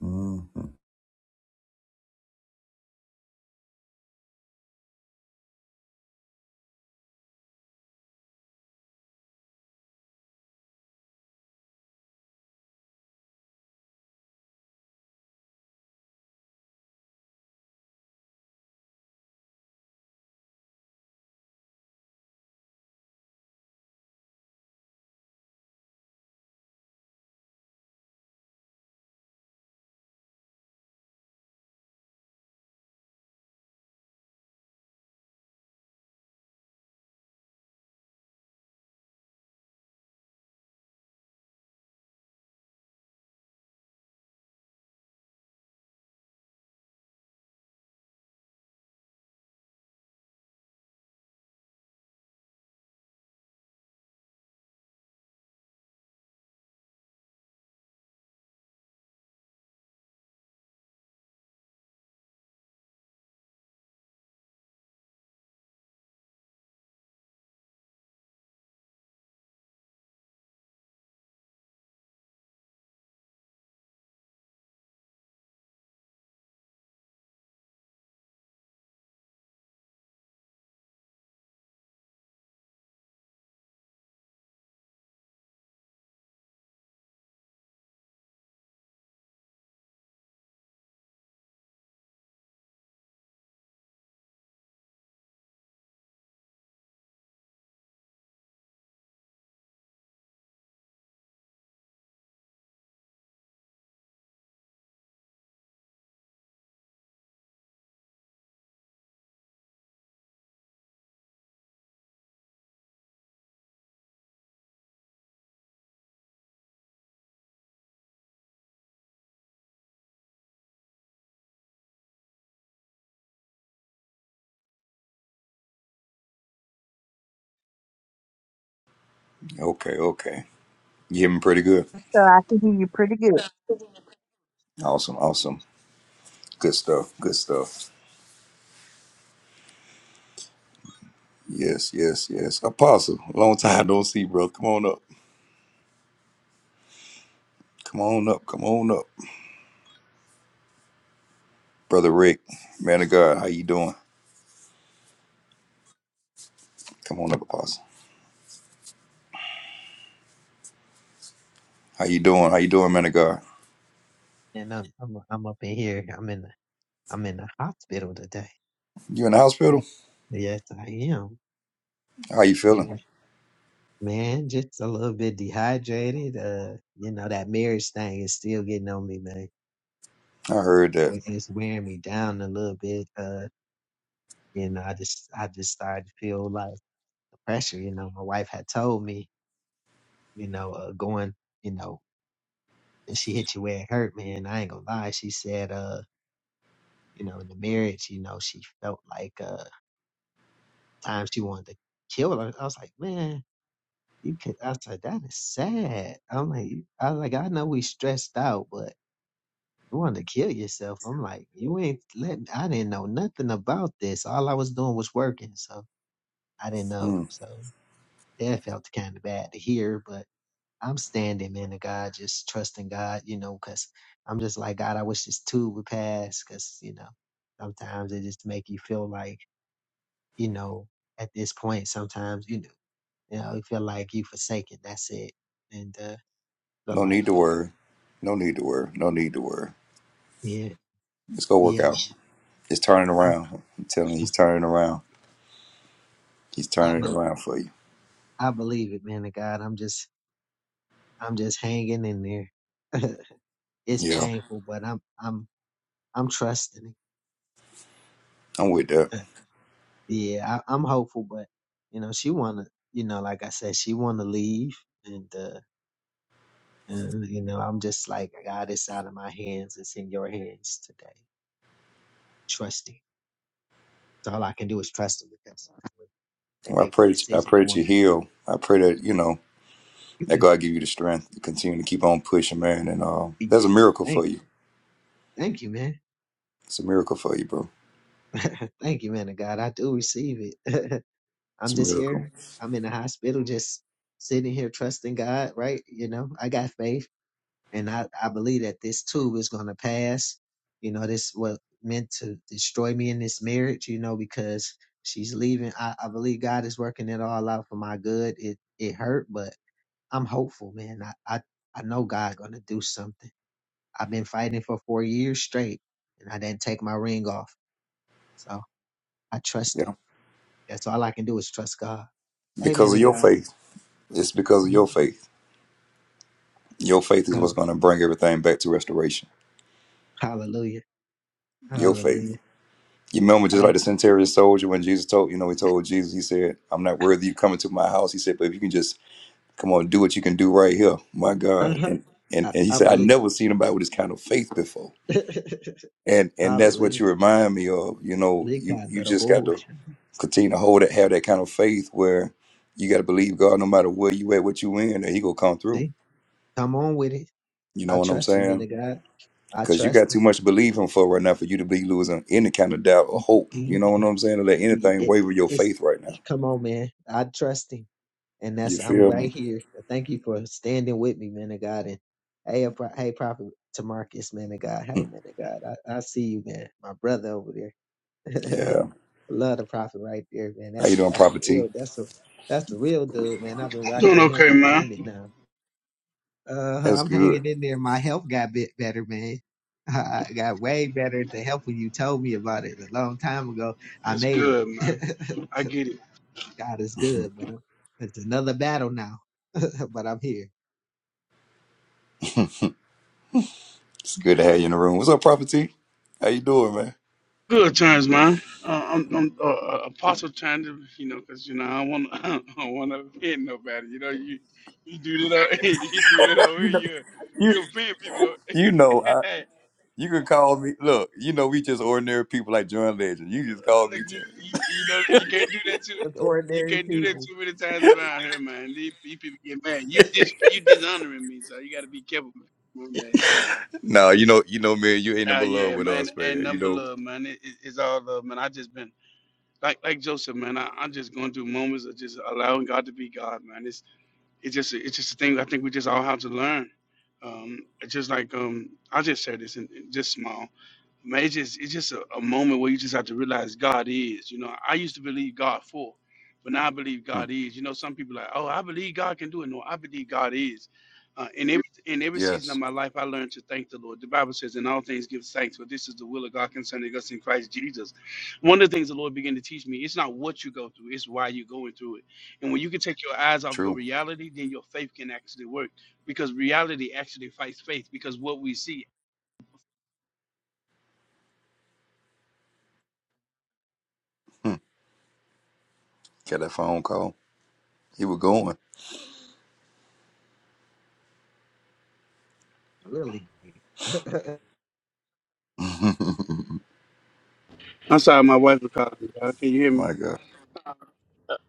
hmm Okay, okay. You hear me pretty good. So I can hear you pretty good. Awesome, awesome. Good stuff, good stuff. Yes, yes, yes. Apostle, long time don't see, bro. Come on up. Come on up. Come on up. Brother Rick, man of God, how you doing? Come on up, Apostle. How you doing? How you doing, man of God? And I'm I'm I'm up in here. I'm in the- I'm in the hospital today. You in the hospital? Yes, I am. How you feeling? Yeah, man, just a little bit dehydrated. Uh, you know that marriage thing is still getting on me, man. I heard It's that. we- it's wearing me down a little bit. Uh, you know, I just I just started to feel like the pressure. You know, my wife had told me, you know, uh, going, you know, and she hit you where it hurt, man. I ain't gonna lie. She said, uh, you know, in the marriage, you know, she felt like uh times she wanted to kill her. I was like, man. You could, I was like, that is sad. I'm like, you- I was like, I know we stressed out, but you want to kill yourself. I'm like, you ain't letting, I didn't know nothing about this. All I was doing was working. So I didn't know. Mm, So that felt kind of bad to hear, but I'm standing, man, to God, just trusting God, you know, cause I'm just like, God, I wish this too would pass. Cause, you know, sometimes it just make you feel like, you know, at this point, sometimes, you know, you know, you feel like you forsaken. That's it. And, uh, But no need like, to uh, worry. No need to worry. No need to worry. yeah, It's gonna work yeah, out. man. It's turning I, around. I'm telling you, he's turning around. He's I, turning bel around for you. I believe it, man. To God, I'm just, I'm just hanging in there. it's Yeah, painful, but I'm, I'm, I'm trusting I'm with that. it. yeah, I, I'm hopeful, but you know, she wanna, you know, like I said, she wanna leave, and uh, and you know, I'm just like, God, it's out of my hands. It's in your hands today. Trusting. So all I can do is trust him because they Well, I make the pray that I decision. They pray that want. you heal. I pray that you know that God give you the strength to continue to keep on pushing, man. And uh, yeah. that's a miracle Thank, for you. thank you, man. It's a miracle for you, bro. Thank you, man of God. I do receive it. It's I'm a just miracle. here. I'm in the hospital, just sitting here trusting God, right? You know, I got faith and I, I believe that this too is going to pass. You know, this was meant to destroy me in this marriage, you know, because she's leaving. I, I believe God is working it all out for my good. It, it hurt, but I'm hopeful, man. I, I, I know God going to do something. I've been fighting for four years straight and I didn't take my ring off. So I trust him. Yeah, That's all I can do is trust God. Amen because of to your God. faith. It's because of your Mhm. faith. Your faith is what's Hall- going to bring everything back to restoration. Hallelujah. Your faith. Hallelujah. You remember, just like I the centurion soldier, when Jesus told you know he told Jesus, he said, "I'm not worthy you come into my house." He said, "But if you can just come on, do what you can do right here, my God." uh-huh. And and, I, and he I said, "I believe. never seen anybody with this kind of faith before." And and that's what Hallelujah. you remind me of. You know, Lee you God, you that a just got bull to continue to hold it, have that kind of faith where you got to believe God no matter where you at, what you in, and He gonna come through. See? Come on with it. You know I what I'm trust him in saying? the God. I Because you got trust too him. much to believe Him for right now for you to be losing any kind of doubt or hope. You He- know what I'm saying? To let he- anything it- waver your it's faith right now. come on, man. I trust him. And You that's I'm feel me? right here. Thank you for standing with me, man of God. And hey, a pro- hey, prophet to Marcus, man of God. Hmm. Hey, man of God. I, I see you, man. My brother over there. Yeah. Love the prophet right there, man. How you That's doing, that's Prophet the T? real. That's a that's the real dude, man. I've been rocking Doing with him okay, for a man. minute now. Uh, That's I'm good. hanging in there. My health got bit better, man. I got way better. The help when you told me about it a long time ago, I It's made good, it. man. I get it. God is good, but I'm- it's another battle now. but I'm here. It's good to have you in the room. What's up, Prophet T? How you doing, man? Good times, man. Uh, I'm, I'm uh, uh, Apostle Tandem, you know, 'cause you know I want I don't want to offend nobody. You know, you you do that out, you do that over here, you You you offend people. you over- know You can call me. Look, you know we just ordinary people like John Legend. You just call Look, me you, Terrence. you you know you can't do that too. With You ordinary can't do that people, too many times around here, man. These, these people get mad. You dis you dishonoring me, so you got to be careful man. one day. no, you know, you know, man, you ain't in Uh, love yeah, with man. us, And man. You number know. love, man. It, it- it's all love, man. I just been like like Joseph, man, I, I'm just going through moments of just allowing God to be God, man. It's it's just it's just a thing I think we just all have to learn. Um, it's just like um, I'll just say this and and just small man, it's just it's just a, a moment where you just have to realize God is. You know, I used to believe God for, but now I believe Hmm. God is. You know, some people are like, oh, I believe God can do it. No, I believe God is. Uh, in every in every season of Yes, my life, I learned to thank the Lord. The Bible says, "In all things, give thanks, for this is the will of God concerning us in Christ Jesus." One of the things the Lord began to teach me, it's not what you go through, it's why you're going through it. And when you can take your eyes off your true. reality, then your faith can actually work because reality actually fights faith. Because what we see Hmm. Got that phone call. He was going. really great. Thank I'm sorry, my wife is calling. me. y'all. Can you hear me? My God.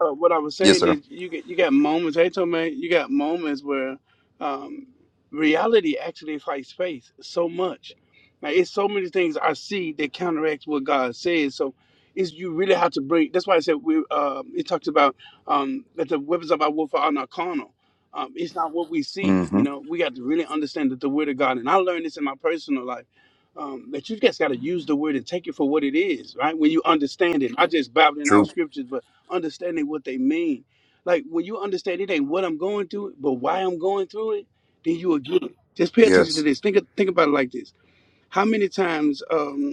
uh, what I was Yes, saying sir. is you get you got moments. Hey, Tome, you got moments where um, reality actually fights faith so much. Like it's so many things I see that counteract what God says. So it's you really have to bring. That's why I said we. Uh, it talks about um, that the weapons of our warfare are not carnal. Um, it's not what we see. You Mm-hmm. know, we got to really understand that the word of God. And I learned this in my personal life. Um, that you just got to use the word and take it for what it is, right? When you understand it, I just babbling out True. scriptures, but understanding what they mean. Like when you understand it ain't what I'm going through, but why I'm going through it, then you will get it. Just pay attention to Yes. this. Think of, think about it like this. How many times? Um,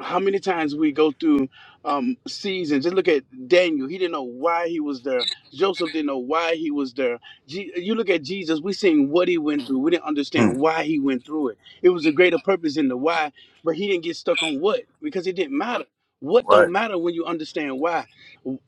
how many times we go through um seasons just look at daniel he didn't know why he was there joseph didn't know why he was there Je- you look at jesus we seen what he went through we didn't understand Hmm. why he went through it it was a greater purpose in the why but he didn't get stuck on what because it didn't matter what Right. don't matter when you understand why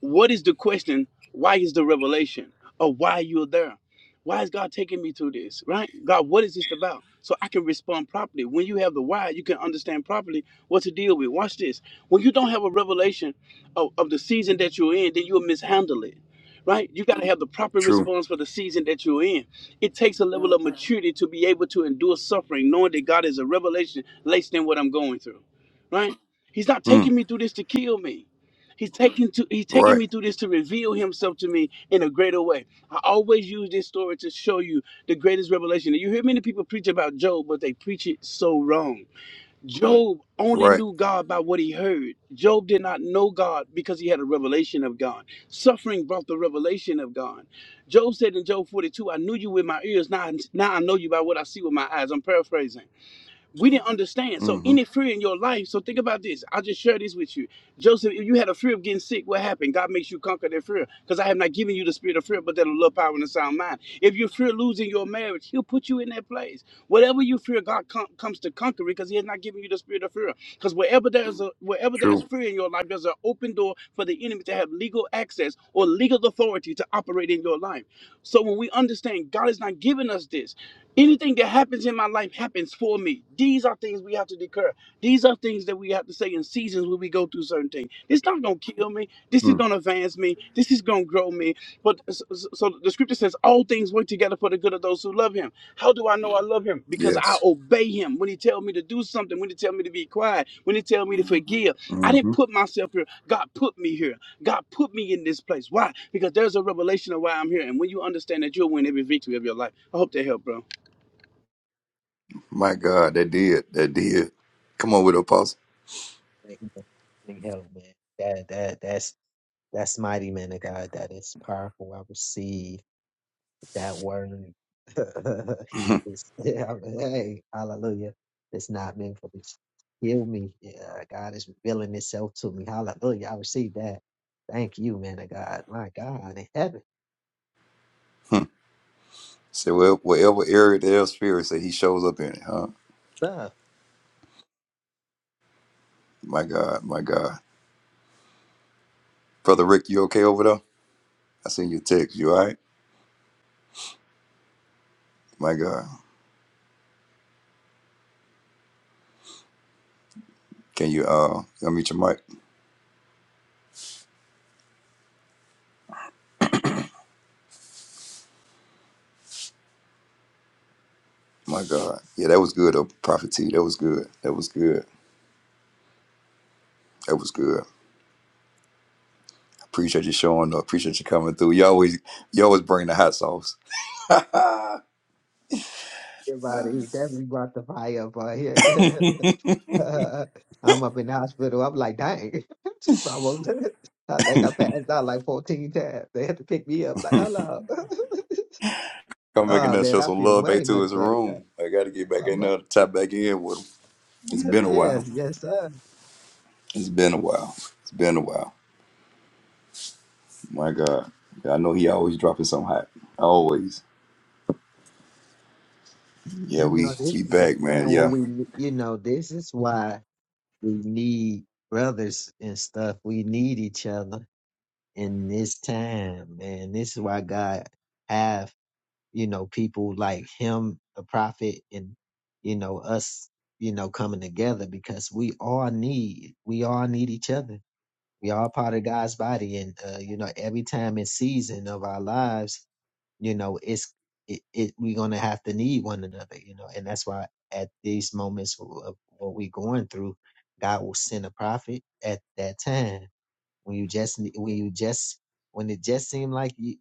what is the question why is the revelation or why you're there why is God taking me through this? Right? God, what is this about? So I can respond properly. When you have the why, you can understand properly What's the deal with? Watch this. When you don't have a revelation of, of the season that you're in, then you'll mishandle it. Right? You got to have the proper True. response for the season that you're in. It takes a level of maturity to be able to endure suffering, knowing that God is a revelation less than what I'm going through. Right? He's not Hmm. taking me through this to kill me. He's taking to he's taking Right. me through this to reveal himself to me in a greater way. I always use this story to show you the greatest revelation. You hear many people preach about Job, but they preach it so wrong. Job only Right. knew God by what he heard. Job did not know God because he had a revelation of God. Suffering brought the revelation of God. Job said in Job 42, I knew you with my ears, now, now I know you by what I see with my eyes. I'm paraphrasing. We didn't understand. So Mm-hmm. any fear in your life. So think about this. I'll just share this with you. Joseph, if you had a fear of getting sick, what happened? God makes you conquer that fear. Because I have not given you the spirit of fear, but that of love, power, and a sound mind. If you fear losing your marriage, he'll put you in that place. Whatever you fear, God com- comes to conquer it because he has not given you the spirit of fear. Because wherever there's a wherever there's True. fear in your life, there's an open door for the enemy to have legal access or legal authority to operate in your life. So when we understand God has not given us this. Anything that happens in my life happens for me. These are things we have to declare. These are things that we have to say in seasons when we go through certain things. This not gonna kill me. This is Hmm. gonna advance me. This is gonna grow me. But so, so so the scripture says, all things work together for the good of those who love Him. How do I know I love Him? Because I Yes. obey Him. When He tell me to do something, when He tell me to be quiet, when He tell me to forgive, I didn't Mm-hmm. put myself here. God put me here. God put me in this place. Why? Because there's a revelation of why I'm here. And when you understand that, you'll win every victory of your life. I hope that helped, bro. My God, that did. That did. Come on with it, apostle. you for help, man. That that that's That's mighty man of God. That is powerful. I receive that word. he is yeah, I mean, hey, hallelujah. It's not meant for me to kill me. Yeah, God is revealing itself to me. Hallelujah. I receive that. Thank you, man of God. My God in heaven. Say where- wherever area the spirit say he shows up in it, huh? Love. My God, my God. Brother Rick, you okay over there? I seen your text. You all right? My God. Can you uh unmute your mic? My God. Yeah, that was good, uh, Prophet T. That was good. That was good. That was good. Appreciate you showing up. Appreciate you coming through. You always you always bring the hot sauce. Everybody, that we brought the fire up out here. I'm up in the hospital. I'm like, dang. I won't- I think I passed out like 14 times. They had to pick me up, like, hello. Come back in Oh there, man, show I some feel love back way to much his better now. room. I gotta get back My in there, mind- tap back in with him. It's Yes, been a while. yes, yes, sir. It's been a while. It's been a while. My God. Yeah, I know he always dropping something hot. Always. Yeah, You we know, this we is the back, time man. where Yeah. we, you know, this is why we need brothers and stuff. We need each other in this time, man. This is why God have, you know, people like him, the prophet, and you know us, you know, coming together because we all need, we all need each other. We all part of God's body, and uh, you know, every time in season of our lives you know it's it, it we're gonna have to need one another you know and that's why at these moments of of what we're going through god will send a prophet at that time when you just ne- when you just when it just seemed like you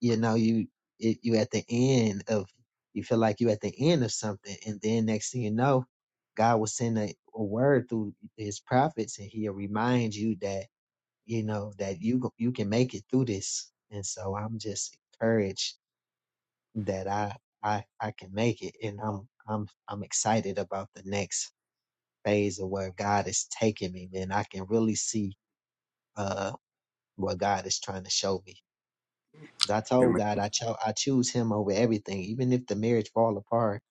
you know you it, you at the end of you feel like you at the end of something and then next thing you know god will send a, a word through his prophets and he'll remind you that you know that you go- you can make it through this and so i'm just encouraged that I I I can make it, and I'm I'm I'm excited about the next phase of where God is taking me, man. I can really see uh what God is trying to show me. 'Cause I told Amen. God I cho- I choose Him over everything, even if the marriage fall apart.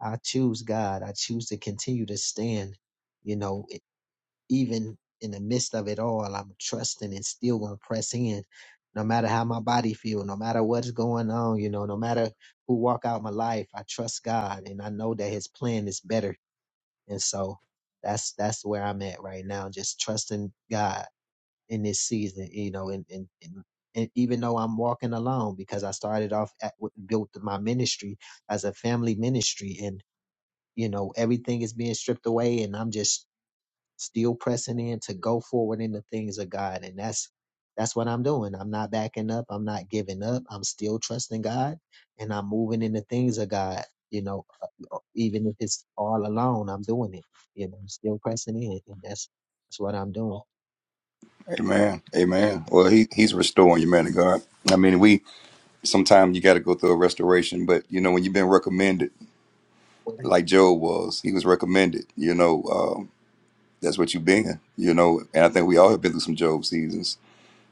I choose God. I choose to continue to stand, you know, even in the midst of it all, I'm trusting and still gonna press in. No matter how my body feel, no matter what's going on, you know, no matter who walk out my life, I trust God and I know that his plan is better. And so that's that's where I'm at right now, just trusting God in this season, you know, and and, and and even though I'm walking alone, because I started off at, with- built my ministry as a family ministry, and you know everything is being stripped away, and I'm just still pressing in to go forward in the things of God. And that's that's what I'm doing. I'm not backing up. I'm not giving up. I'm still trusting God and I'm moving in the things of God. You know, uh, even if it's all alone, I'm doing it. You know, I'm still pressing in. And that's that's what I'm doing. Amen. Amen. Well, he he's restoring you, man of God. I mean, we sometimes you got to go through a restoration, but you know when you've been recommended, like Job was, he was recommended. You know, um, that's what you've been. You know, and I think we all have been through some Job seasons.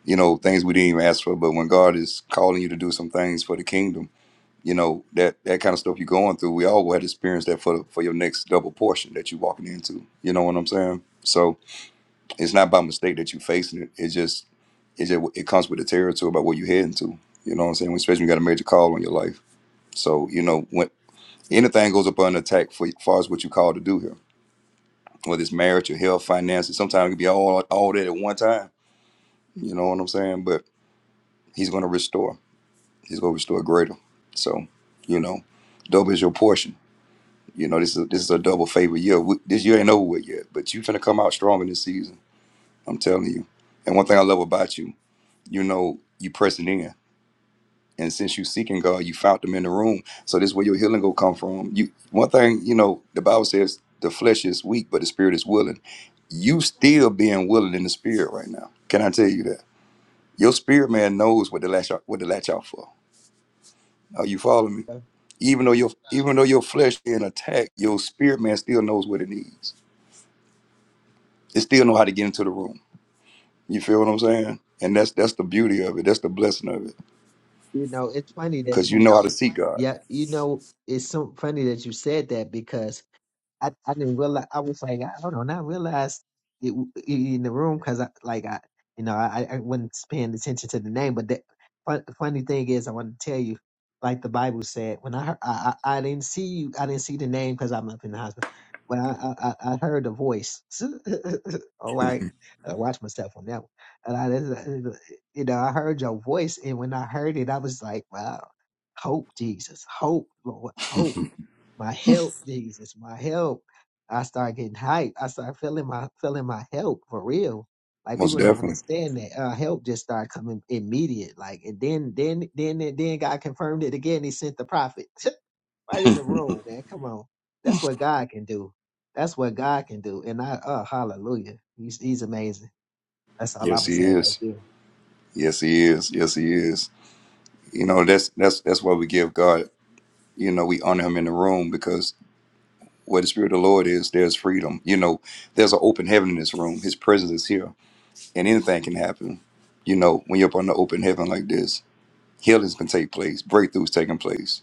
You know, things we didn't even ask for, but when God is calling you to do some things for the kingdom you know that that kind of stuff you're going through we all had to experience that for for your next double portion that you're walking into you know what i'm saying so it's not by mistake that you're facing it it's just it just it comes with the territory about what you're heading to you know what i'm saying especially when you got a major call on your life so you know when anything goes up under attack for as far as what you call to do here whether it's marriage or health finances sometimes it can be all all that at one time you know what i'm saying but he's going to restore he's going to restore greater so you know double is your portion You know, this is this is a double favor year. We- This year ain't over with yet, but you finna come out stronger this season. I'm telling you. And one thing I love about you, you know, you pressing in, and since you seeking God, you found them in the room. So this is where your healing gonna come from. You one thing, you know, the Bible says the flesh is weak, but the spirit is willing. You still being willing in the spirit right now. Can I tell you that? Your spirit man knows what to latch out, what to latch out for. Are you following me? Even though your even though your flesh being attacked, your spirit man still knows what it needs. It still know how to get into the room. You feel what I'm saying? And that's that's the beauty of it. That's the blessing of it. You know, it's funny that Cause you you know how to see God. yeah, you know, it's so funny that you said that because I, I didn't realize. I was like, I- hold on, I realized it, w- i- in the room because I like I, you know, I, I wasn't paying attention to the name. But the fun, funny thing is, I want to tell you, like the Bible said, when I heard, I, I, I didn't see you, I didn't see the name because I'm up in the hospital. But I, I, I I heard the voice. All right, I watch myself on that one. And I, just- uh, uh, you know, I heard your voice, and when I heard it, I was like, wow, hope, Jesus, hope, Lord, hope my help, Jesus, my help. I start getting hyped. I start feeling my feeling my help for real. Like Most people don't definitely. understand that uh, help just started coming immediate. Like and then then then and then God confirmed it again. He sent the prophet right in the room, man. Come on, that's what God can do. That's what God can do. And I uh hallelujah, he's he's amazing. That's all I'm Yes, gonna he say right is. there. Yes, he is. Yes, he is. You know, that's that's that's why we give God, you know, we honor him in the room because where the spirit of the Lord is, there's freedom. You know, there's an open heaven in this room. His presence is here. And anything can happen. You know, when you're up on the open heaven like this, healings can take place, breakthroughs taking place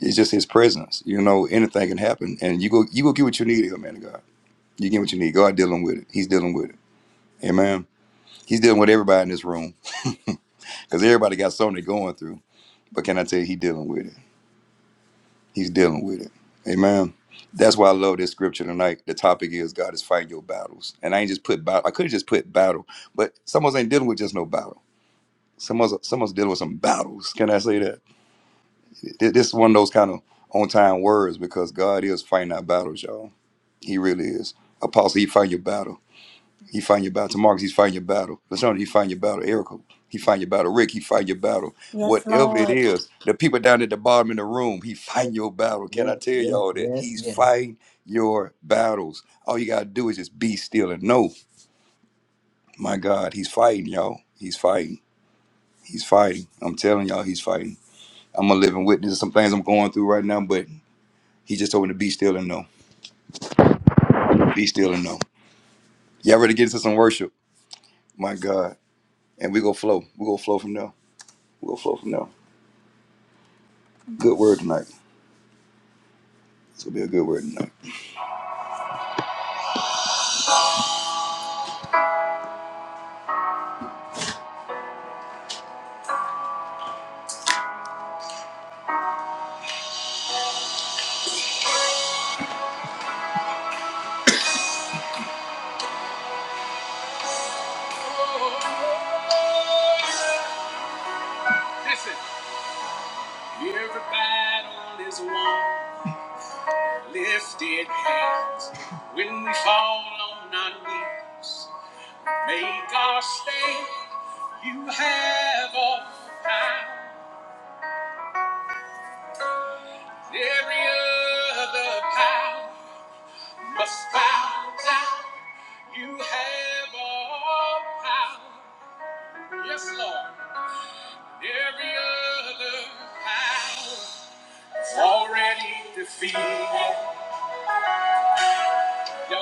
It's just His presence. You know, anything can happen, and you go you go get what you need here, man. of God, you get what you need. God dealing with it. He's dealing with it. Amen. He's dealing with everybody in this room because everybody got something they're going through. But can I tell you, He's dealing with it. He's dealing with it. Amen. That's why I love this scripture tonight. The topic is God is fighting your battles, and I ain't just put battle. I could have just put battle, but someone's ain't dealing with just no battle. Someone's someone's dealing with some battles. Can I say that? Th- This is one of those kind of on time words because God is fighting our battles, y'all. He really is. Apostle, he find your battle. He find your battle. Marcus, he's fighting your battle. Lashonda, he find your battle. Erica, he find your battle. Rick, he find your battle. Yes, Whatever it Lord. is, the people down at the bottom in the room, he find your battle. Can Yeah, I tell yeah, y'all that? yeah, He's yeah. fighting your battles. All you gotta do is just be still and know. My God, he's fighting, y'all. He's fighting. He's fighting. I'm telling y'all, he's fighting. I'm a living witness of some things I'm going through right now, but he just told me to be still and know. Be still and know. Y'all ready to get into some worship? My God. and we go flow. We go flow from there. We go flow from there. Good word tonight. It's gonna be a good word tonight. Listen, everybody on this one lifted hands. When we fall on our knees, make our stand. You have all power. Every other power must bow down. You have all power. Yes, Lord. Every other power already defeated. Y'all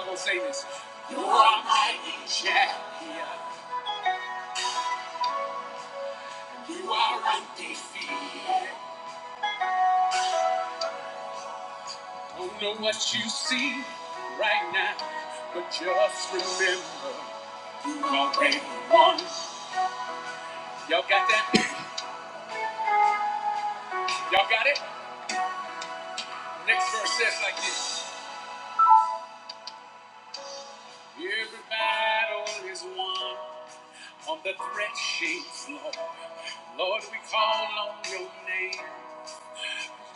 gonna say this. You are mighty champion. You are undefeated. Don't know what you see right now, but just remember you already won. Y'all got that? Y'all got it? Next verse says like this. Every battle is won on the threshing floor. Lord, we call on your name.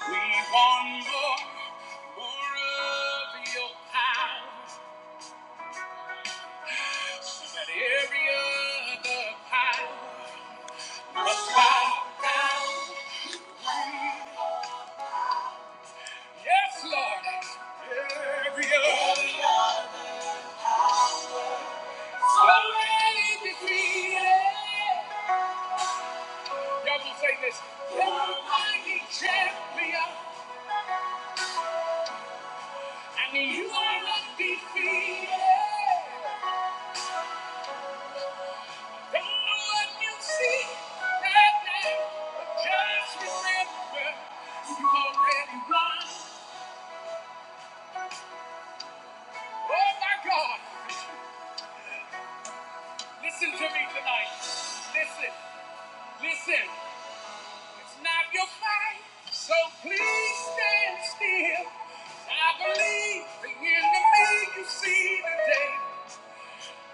We want more, more of your power than every other power must bow down. Yes, Lord, every other power. already defeated. Y'all gonna say this? You're a mighty champion, and you are not defeated. Listen to me tonight. Listen, listen. It's not your fight, so please stand still. I believe the enemy you see today.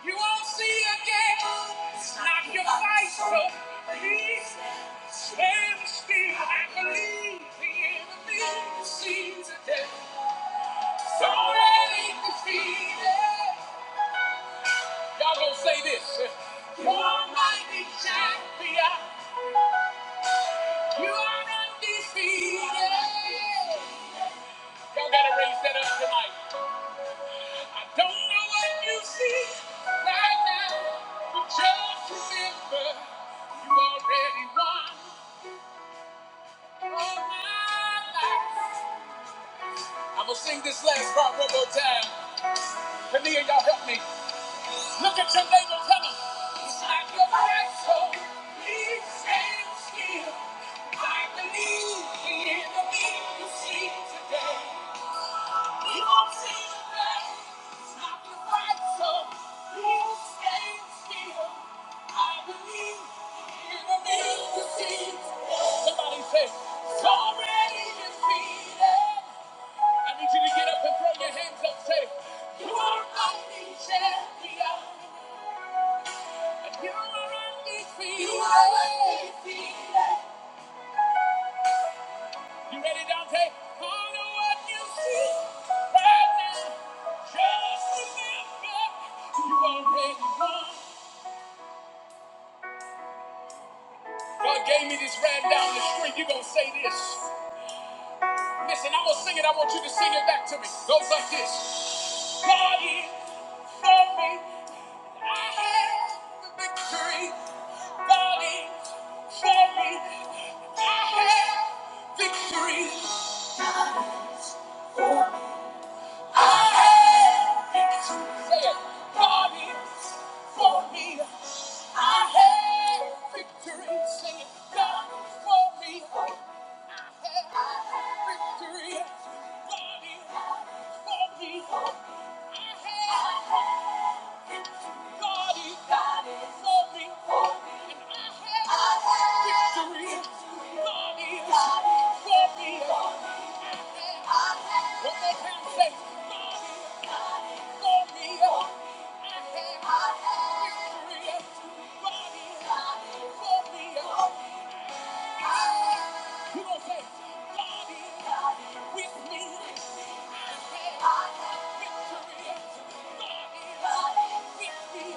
You won't see again. Not your fight, so please stand still. I believe the enemy sees it. It's already defeated. Y'all gonna say this. You are mighty champion. You are undefeated. Y'all gotta raise that up tonight. I don't know what you see right now, but just remember you already won. I'm gonna sing this last part one more time. Kania, y'all help me. Look at your neighbor, tell him. It's like your right soul needs stand still. I believe the enemy you see today. You won't see today. It's not your right soul needs stand still. I believe the enemy you see today. Somebody say, it's already defeated. I need you to get up and throw your hands up. Say, You are my champion. And you are undefeated. You are undefeated. You ready, Dante? Follow what you see right now. Just remember, you already won. God gave me this rap down the street. You gonna say this? Listen, I'm gonna sing it. I want you to sing it back to me. Goes like this. Daddy, save me. I have victory. Daddy, save me. I have victory. I have victory. Say it. Daddy, for me. I have victory. Say it. God, for me. I have victory. Daddy, for me. I have victory. God is for me. I have One God is for me. I have victory. God is for me. I have- You God is God with me. I have victory. God is with me.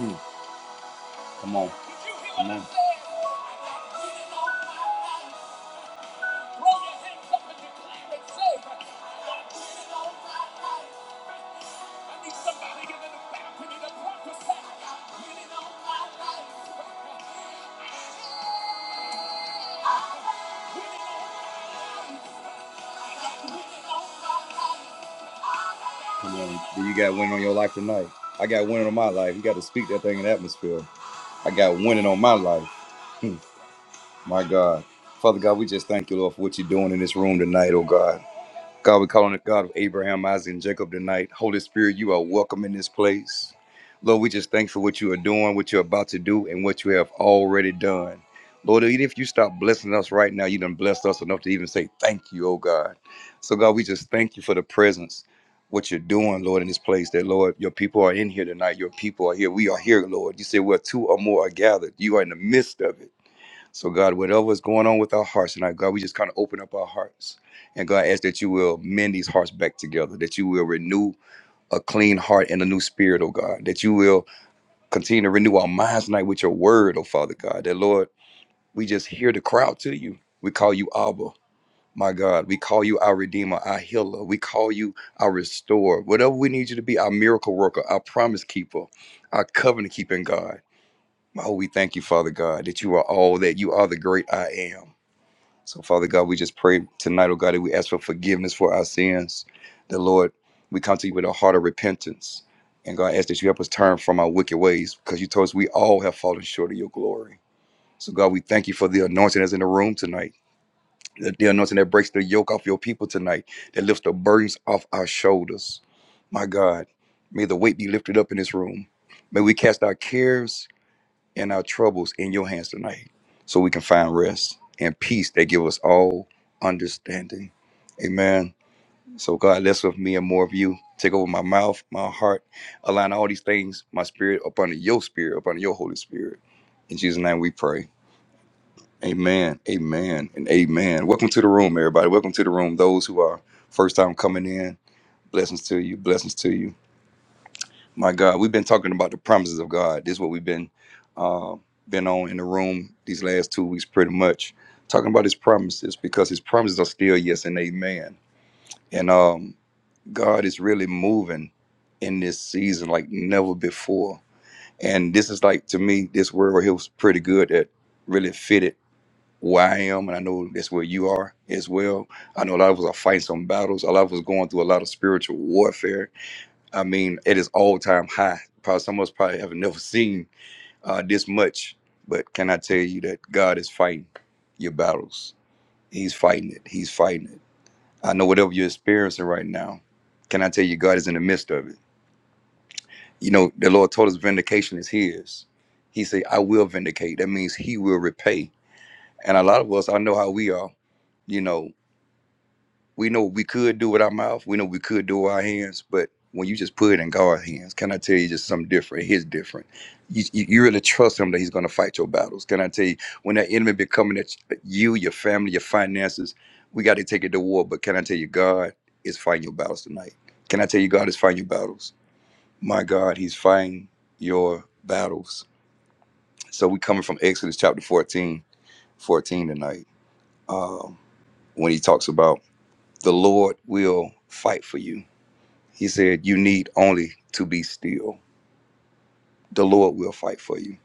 Hmm, Come on. Come on. I need somebody in the balcony to prophesy. Come on, you got winning on your life tonight? I got winning on my life. You got to speak that thing in the atmosphere. I got winning on my life. My God. Father God, we just thank you, Lord, for what you're doing in this room tonight, oh God. God, we call on the God of Abraham, Isaac, and Jacob tonight. Holy Spirit, you are welcome in this place. Lord, we just thank you for what you are doing, what you're about to do, and what you have already done. Lord, even if you stop blessing us right now, you done blessed us enough to even say thank you, oh God. So God, we just thank you for the presence, what you're doing, Lord, in this place. That Lord, your people are in here tonight. Your people are here. We are here, Lord. You say where two or more are gathered. You are in the midst of it. So, God, whatever is going on with our hearts tonight, God, we just kind of open up our hearts. And God, I ask that you will mend these hearts back together, that you will renew a clean heart and a new spirit, oh God, that you will continue to renew our minds tonight with your word, oh Father God, that Lord, we just hear the crowd to you. We call you Abba, my God. We call you our Redeemer, our Healer. We call you our Restorer. Whatever we need you to be, our miracle worker, our promise keeper, our covenant keeping God. Oh, we thank you, Father God, that you are all that. You are the great I am. So, Father God, we just pray tonight, oh God, that we ask for forgiveness for our sins. The Lord, we come to you with a heart of repentance. And God, I ask that you help us turn from our wicked ways because you told us we all have fallen short of your glory. So, God, we thank you for the anointing that's in the room tonight, the the anointing that breaks the yoke off your people tonight, that lifts the burdens off our shoulders. My God, may the weight be lifted up in this room. May we cast our cares and our troubles in your hands tonight so we can find rest and peace that give us all understanding. Amen. So God, less of me and more of you. Take over my mouth, my heart, align all these things, my spirit upon your spirit, upon your Holy Spirit. In Jesus' name we pray. Amen. Amen. And amen. Welcome to the room, everybody. Welcome to the room. Those who are first time coming in, blessings to you. Blessings to you. My God, we've been talking about the promises of God. This is what we've been uh, been on in the room these last two weeks, pretty much talking about His promises because His promises are still yes and amen. And um, God is really moving in this season like never before. And this is like to me, this word right here was pretty good that really fitted where I am, and I know that's where you are as well. I know a lot of us are fighting some battles. A lot of us going through a lot of spiritual warfare I mean, it is all time high. Probably some of us probably have never seen uh, this much. But can I tell you that God is fighting your battles? He's fighting it. He's fighting it. I know whatever you're experiencing right now. Can I tell you, God is in the midst of it? You know, the Lord told us vindication is His. He said, "I will vindicate." That means He will repay. And a lot of us, I know how we are. You know, we know what we could do with our mouth. We know what we could do with our hands. But when you just put it in God's hands, can I tell you just something different? His different. You, you, you really trust Him that He's going to fight your battles. Can I tell you when that enemy be coming at you, your family, your finances, we got to take it to war. But can I tell you, God is fighting your battles tonight. Can I tell you, God is fighting your battles? My God, He's fighting your battles. So we coming from Exodus chapter 14, 14 tonight. Um, when He talks about the Lord will fight for you He said, You need only to be still. The Lord will fight for you.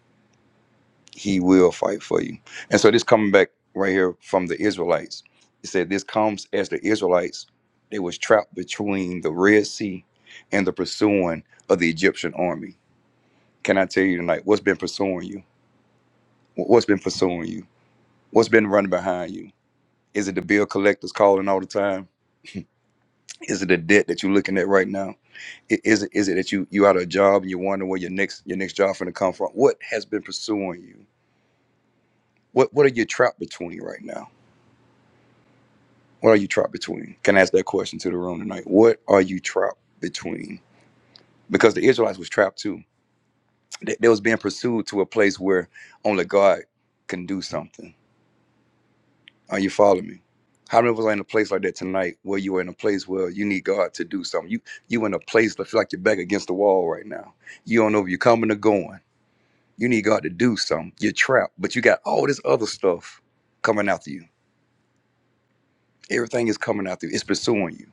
He will fight for you. And so this coming back right here from the Israelites. It said this comes as the Israelites, they was trapped between the Red Sea and the pursuing of the Egyptian army. Can I tell you tonight what's been pursuing you? Wh- What's been pursuing you? What's been running behind you? Is it the bill collectors calling all the time? Is it the debt that you're looking at right now? I- Is it is it that you you out of a job and you're wondering where your next your next job going to come from? What has been pursuing you? What what are you trapped between right now? What are you trapped between? Can I ask that question to the room tonight? What are you trapped between? Because the Israelites was trapped too. They, they was being pursued to a place where only God can do something. Are you following me? How many of us are in a place like that tonight where you are in a place where you need God to do something? You you in a place that feel like you're back against the wall right now. You don't know if you're coming or going You need God to do something. You're trapped, but you got all this other stuff coming after you. Everything is coming after you. It's pursuing you.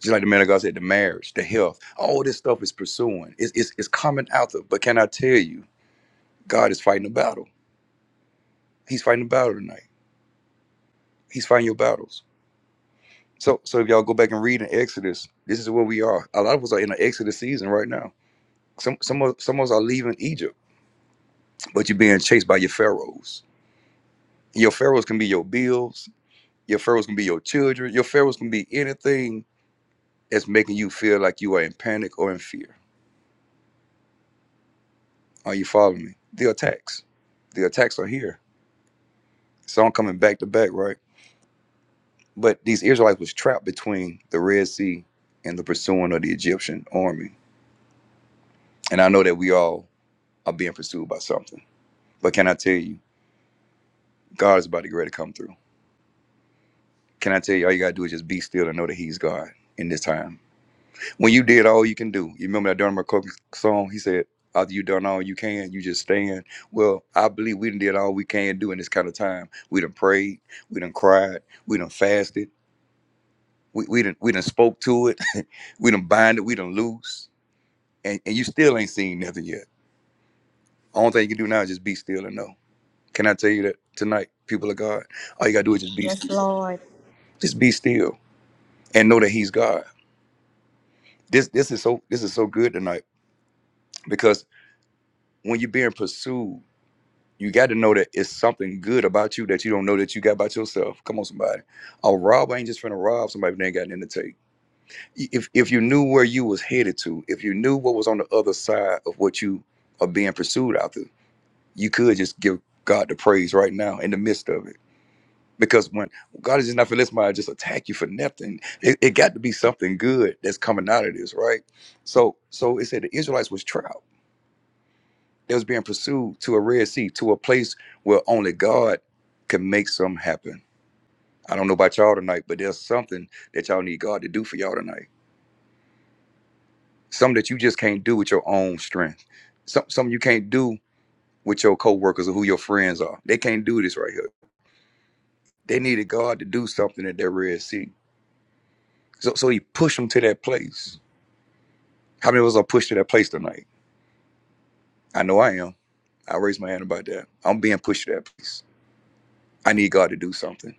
Just like the man of God said, the marriage, the health, all this stuff is pursuing. It's, it's, it's coming after. But can I tell you, God is fighting a battle. He's fighting a battle tonight. He's fighting your battles. So, so if y'all go back and read in Exodus, this is where we are. A lot of us are in an Exodus season right now. Some, some, of, some of us are leaving Egypt, but you're being chased by your pharaohs. Your pharaohs can be your bills. Your Pharaoh's gonna be your children. Your Pharaoh's gonna be anything that's making you feel like you are in panic or in fear. Are you following me? The attacks. The attacks are here. Some coming back to back, right? But these Israelites was trapped between the Red Sea and the pursuing of the Egyptian army. And I know that we all are being pursued by something. But can I tell you, God is about to get ready to come through. Can I tell you all you gotta do is just be still and know that He's God in this time When you did all you can do, you remember that Donald McCook song? He said, after you done all you can, you just stand. Well, I believe we done did all we can do in this kind of time. We done prayed, we done cried, we done fasted, we, we done we done spoke to it, we done bind it, we done loose. And and you still ain't seen nothing yet. Only thing you can do now is just be still and know. Can I tell you that tonight, people of God, all you gotta do is just be Yes, still. Lord. Just be still and know that He's God. This this is so this is so good tonight because when you're being pursued. you got to know that it's something good about you that you don't know that you got about yourself. Come on, somebody. A rob ain't just finna rob somebody that ain't got nothing to take. If if you knew where you was headed to, if you knew what was on the other side of what you are being pursued after, you could just give God the praise right now in the midst of it. Because when God is just not for this mind, just attack you for nothing. It, it got to be something good that's coming out of this, right? So so it said the Israelites was trials. They was being pursued to a Red Sea, to a place where only God can make something happen. I don't know about y'all tonight, but there's something that y'all need God to do for y'all tonight. Something that you just can't do with your own strength. Some something you can't do with your coworkers or who your friends are. They can't do this right here. They needed God to do something at that Red Sea. So so he pushed them to that place. How many of us are pushed to that place tonight? I know I am. I raised my hand about that. I'm being pushed to that place. I need God to do something.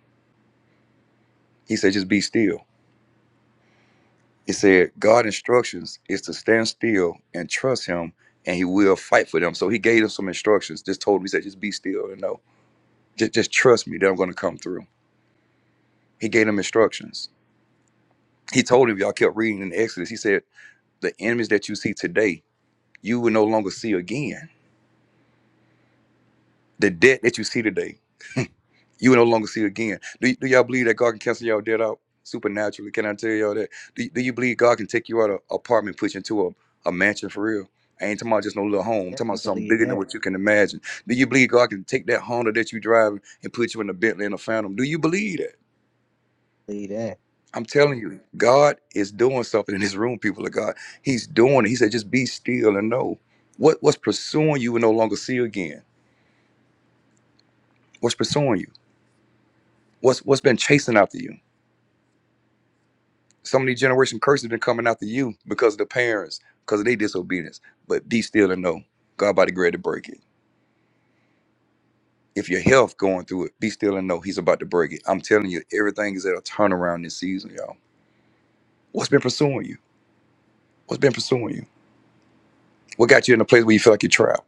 He said, just be still. It said, God instructions is to stand still and trust him and he will fight for them. So he gave them some instructions. Just told him, he said, just be still and know. Just, just trust me that I'm going to come through. He gave them instructions. He told him, y'all kept reading in Exodus. He said, the enemies that you see today, you will no longer see again. The debt that you see today. You will no longer see again. Do, do y'all believe that God can cancel y'all debt out supernaturally? Can I tell y'all that? Do, do you believe God can take you out of an apartment, put you into a, a mansion for real? I ain't talking about just no little home. I'm talking Definitely about something believe bigger than that. what you can imagine. Do you believe God can take that Honda that you driving and put you in a Bentley and a Phantom? Do you believe that? Believe that. I'm telling you, God is doing something in this room, people of God. He's doing it. He said, just be still and know. What what's pursuing you will no longer see again. What's pursuing you? What's what's been chasing after you? so many generation curses been coming after you because of the parents, because of their disobedience. But be still and know God about to great to break it. If your health going through it, be still and know He's about to break it. I'm telling you, everything is at a turnaround this season, y'all. What's been pursuing you? What's been pursuing you? What got you in a place where you feel like you're trapped?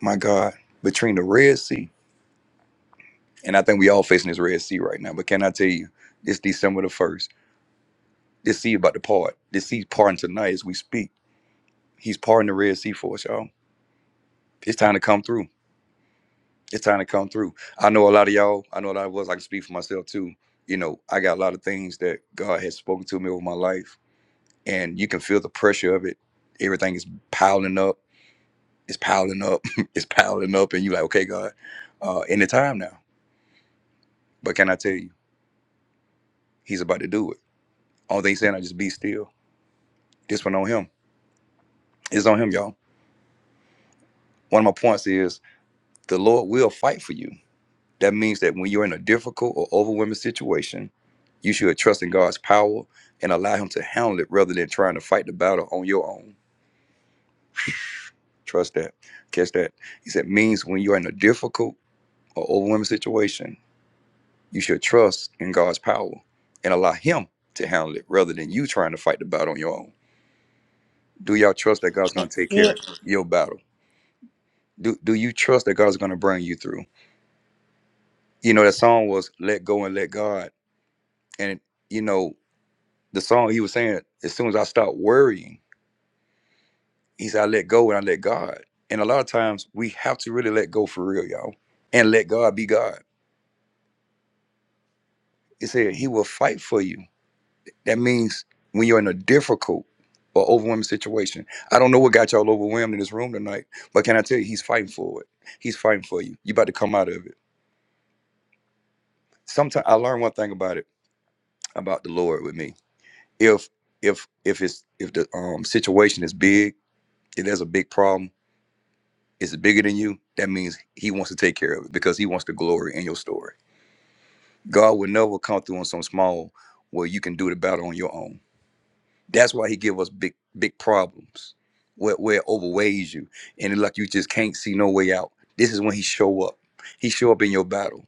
My God, between the Red Sea, and I think we all facing this Red Sea right now. But can I tell you, it's December the first, this sea about to part. This sea's parting tonight as we speak. He's parting the Red Sea for us, y'all. It's time to come through. it's time to come through. I know a lot of y'all, I know a lot of us, I can speak for myself too. You know, I got a lot of things that God has spoken to me over my life, and you can feel the pressure of it. Everything is piling up, it's piling up, it's piling up, and you're like, okay, God, uh, in the time now. But can I tell you, He's about to do it. Only thing he's saying, I just be still. This one on Him. It's on Him, y'all. One of my points is the Lord will fight for you. That means that when you're in a difficult or overwhelming situation, you should trust in God's power and allow Him to handle it rather than trying to fight the battle on your own. Trust that. Catch that. He said, means when you're in a difficult or overwhelming situation, you should trust in God's power and allow Him to handle it rather than you trying to fight the battle on your own. Do y'all trust that God's going That's to take care of it. your battle? Do, do you trust that God's going to bring you through? You know, that song was Let Go and Let God. And, you know, the song he was saying, as soon as I stop worrying, he said, I let go and I let God. And a lot of times we have to really let go for real, y'all, and let God be God. He said, He will fight for you. That means when you're in a difficult or overwhelming situation. I don't know what got y'all overwhelmed in this room tonight, but can I tell you, He's fighting for it. He's fighting for you. You about to come out of it. Sometimes I learned one thing about it, about the Lord with me. If if if it's if the um situation is big, if there's a big problem, is bigger than you, that means he wants to take care of it because he wants the glory in your story. God will never come through on some small where you can do the battle on your own. That's why he give us big, big problems where, where it overweighs you and it's like you just can't see no way out. This is when he show up. He show up in your battle.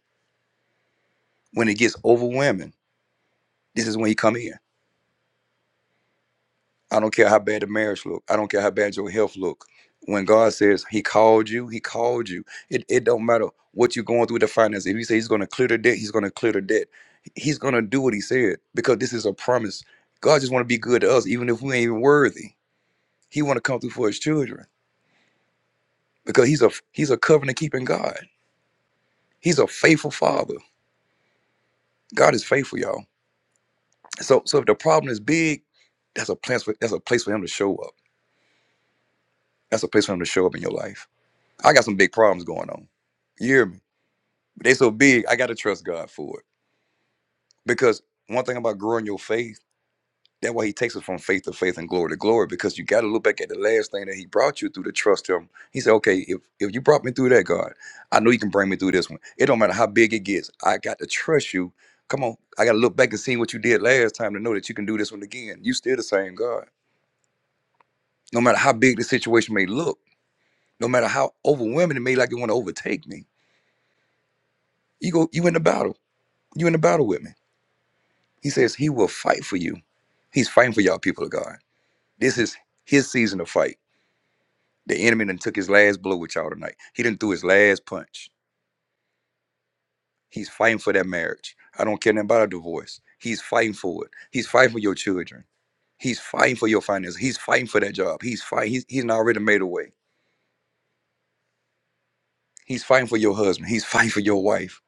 When it gets overwhelming, this is when he come in. I don't care how bad the marriage look. I don't care how bad your health look. When God says He called you, He called you. It it don't matter what you're going through with the finances. If He says He's going to clear the debt, He's going to clear the debt. He's going to do what He said because this is a promise. God just want to be good to us, even if we ain't even worthy. He want to come through for His children because He's a He's a covenant keeping God. He's a faithful Father. God is faithful, y'all. So so if the problem is big, that's a place for that's a place for Him to show up. That's a place for Him to show up in your life I got some big problems going on. You hear me? But they so big, I gotta trust God for it. Because one thing about growing your faith, that's why he takes us from faith to faith and glory to glory, because you gotta look back at the last thing that he brought you through to trust him. He said, Okay, if, if you brought me through that, God, I know you can bring me through this one. It don't matter how big it gets, I got to trust you. Come on, I gotta look back and see what you did last time to know that you can do this one again. You still the same God. No matter how big the situation may look, no matter how overwhelming it may like it want to overtake me, you go you in the battle. You in a battle with me. He says he will fight for you. He's fighting for y'all, people of God. This is his season to fight. The enemy done took his last blow with y'all tonight. He done threw his last punch. He's fighting for that marriage. I don't care nothing about a divorce. He's fighting for it. He's fighting for your children. He's fighting for your finances. He's fighting for that job. He's fighting. He's, he's already made a way. He's fighting for your husband. He's fighting for your wife.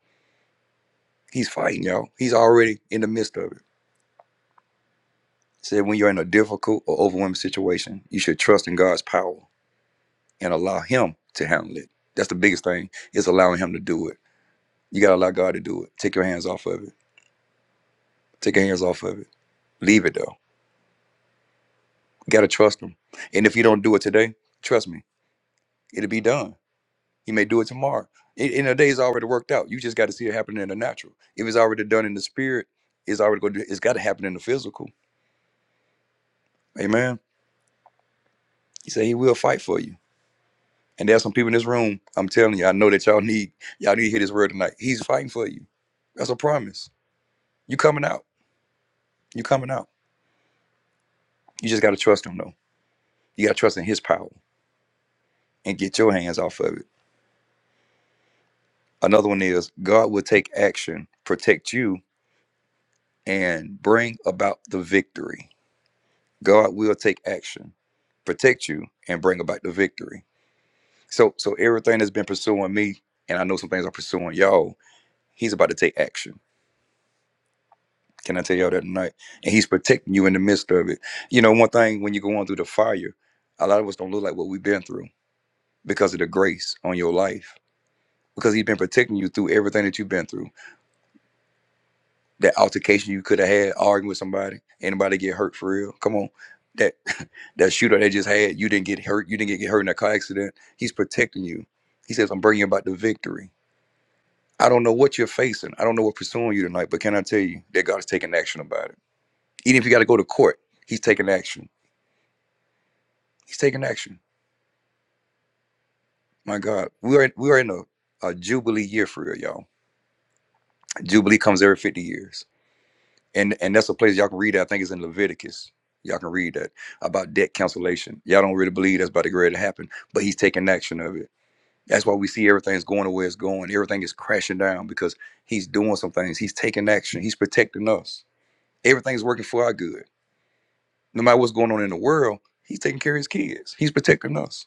He's fighting, y'all. He's already in the midst of it. Said when you're in a difficult or overwhelming situation, you should trust in God's power. and allow him to handle it. That's the biggest thing is allowing him to do it. You gotta allow God to do it. Take your hands off of it. Take your hands off of it. Leave it though. You gotta trust him. And if you don't do it today, trust me, it'll be done. You may do it tomorrow. In, in a day, it's already worked out. You just got to see it happening in the natural. If it's already done in the spirit, it's already going to. It's got to happen in the physical. Amen. He said he will fight for you. And there's some people in this room. I'm telling you, I know that y'all need y'all need to hear this word tonight. He's fighting for you. That's a promise. You coming out. You coming out. You just got to trust him, though. You got to trust in his power and get your hands off of it. Another one is God will take action, protect you, and bring about the victory. God will take action, protect you, and bring about the victory. So, so everything that's been pursuing me, and I know some things are pursuing y'all. He's about to take action. Can I tell y'all that tonight? And he's protecting you in the midst of it. You know, one thing when you're going through the fire, a lot of us don't look like what we've been through because of the grace on your life because he's been protecting you through everything that you've been through. That altercation you could have had arguing with somebody, anybody get hurt for real? Come on. That that shooter they just had, you didn't get hurt. You didn't get get hurt in a car accident. He's protecting you. He says, "I'm bringing you about the victory." I don't know what you're facing. I don't know what's pursuing you tonight, but can I tell you that God is taking action about it? Even if you got to go to court, He's taking action. He's taking action. My God, we are we are in a, a jubilee year for real, y'all. Jubilee comes every 50 years and and that's a place y'all can read that. I think it's in Leviticus. Y'all can read that about debt cancellation. Y'all don't really believe that's about to get ready to happen, but he's taking action of it. That's why we see everything's going the way it's going. Everything is crashing down because he's doing some things. He's taking action. He's protecting us. Everything's working for our good. No matter what's going on in the world, he's taking care of his kids. He's protecting us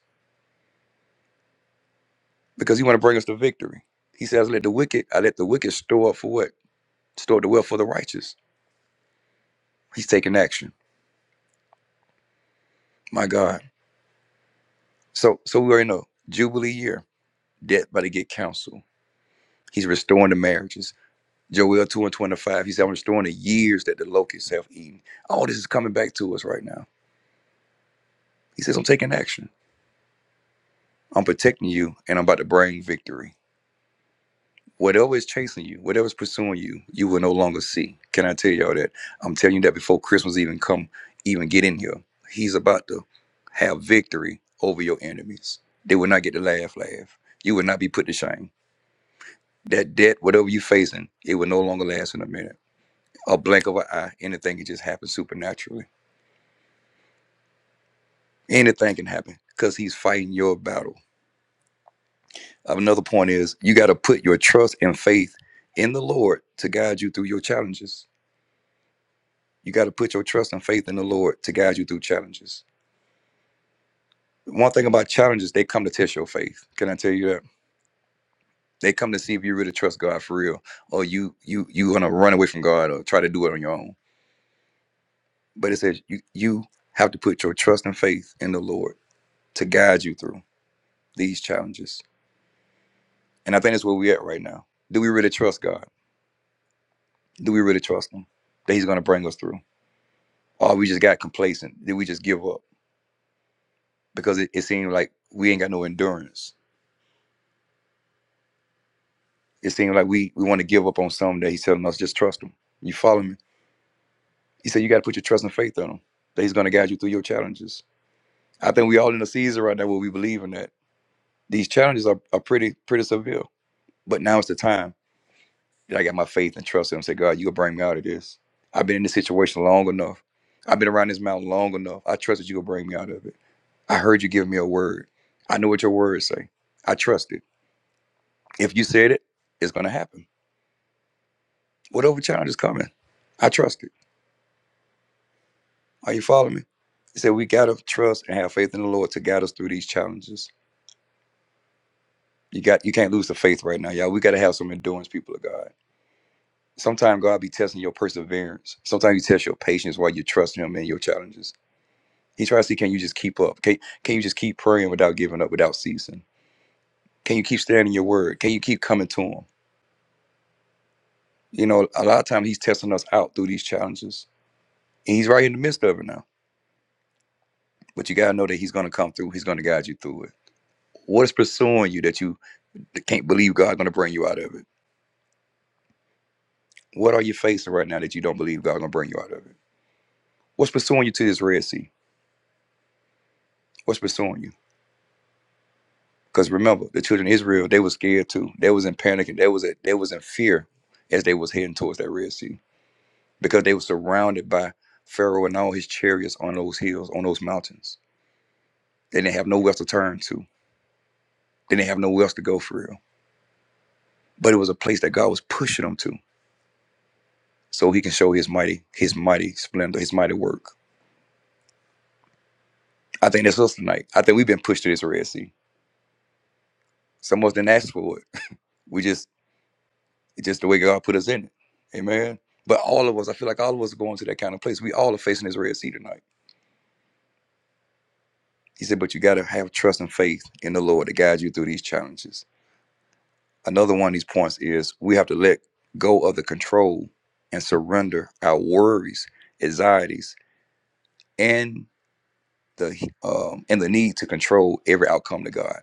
because he want to bring us to victory. He says, "Let the wicked, I let the wicked store up for what? Store the wealth for the righteous." He's taking action. My God. So, so we already know Jubilee year. death by the get counsel. He's restoring the marriages. Joel 2 and 25, he said, I'm restoring the years that the locusts have eaten. All this is coming back to us right now. He says, I'm taking action. I'm protecting you and I'm about to bring victory. Whatever is chasing you, whatever is pursuing you, you will no longer see. Can I tell y'all that? I'm telling you that before Christmas even come, even get in here, he's about to have victory over your enemies. They will not get to laugh, laugh. You will not be put to shame. That debt, whatever you're facing, it will no longer last in a minute a blink of an eye. Anything can just happen supernaturally. Anything can happen because he's fighting your battle. Another point is you got to put your trust and faith in the Lord to guide you through your challenges. You got to put your trust and faith in the Lord to guide you through challenges. One thing about challenges, they come to test your faith. Can I tell you that? They come to see if you really trust God for real, or you you you gonna run away from God or try to do it on your own. But it says you you have to put your trust and faith in the Lord to guide you through these challenges And I think that's where we're at right now. Do we really trust God? Do we really trust Him that He's going to bring us through? Or we just got complacent? Did we just give up? Because it, it seemed like we ain't got no endurance. It seemed like we, we want to give up on something that He's telling us just trust Him. You follow me? He said you got to put your trust and faith on Him that He's going to guide you through your challenges. I think we all in a season right now where we believe in that. These challenges are, are pretty pretty severe, but now it's the time. that I got my faith and trust in him. Say, God, you gonna bring me out of this. I've been in this situation long enough. I've been around this mountain long enough. I trust that you gonna bring me out of it. I heard you give me a word. I know what your words say. I trust it. If you said it, it's gonna happen. Whatever challenge is coming, I trust it. Are you following me? He said we gotta trust and have faith in the Lord to guide us through these challenges. You got you can't lose the faith right now, y'all. We gotta have some endurance, people of God. Sometimes God be testing your perseverance. Sometimes you test your patience while you trust Him in your challenges. He tries to see, can you just keep up? Can, can you just keep praying without giving up, without ceasing? Can you keep standing your word? Can you keep coming to him? You know, a lot of times he's testing us out through these challenges. And he's right in the midst of it now. But you gotta know that he's gonna come through, he's gonna guide you through it. What is pursuing you that you can't believe God's gonna bring you out of it? What are you facing right now that you don't believe God's gonna bring you out of it? What's pursuing you to this Red Sea? What's pursuing you? Because remember, the children of Israel, they were scared too. They was in panic and they was they was in fear as they was heading towards that Red Sea because they were surrounded by Pharaoh and all his chariots on those hills, on those mountains. They didn't have nowhere else to turn to. They didn't have nowhere else to go for real. But it was a place that God was pushing them to, so He can show His mighty, His mighty splendor, His mighty work. I think that's us tonight. I think we've been pushed to this Red Sea. Some of us didn't ask for it. We just, it's just the way God put us in it. Amen. But all of us, I feel like all of us are going to that kind of place. We all are facing this Red Sea tonight. He said, but you got to have trust and faith in the Lord to guide you through these challenges Another one of these points is we have to let go of the control and surrender our worries, anxieties, and the um, and the need to control every outcome to God.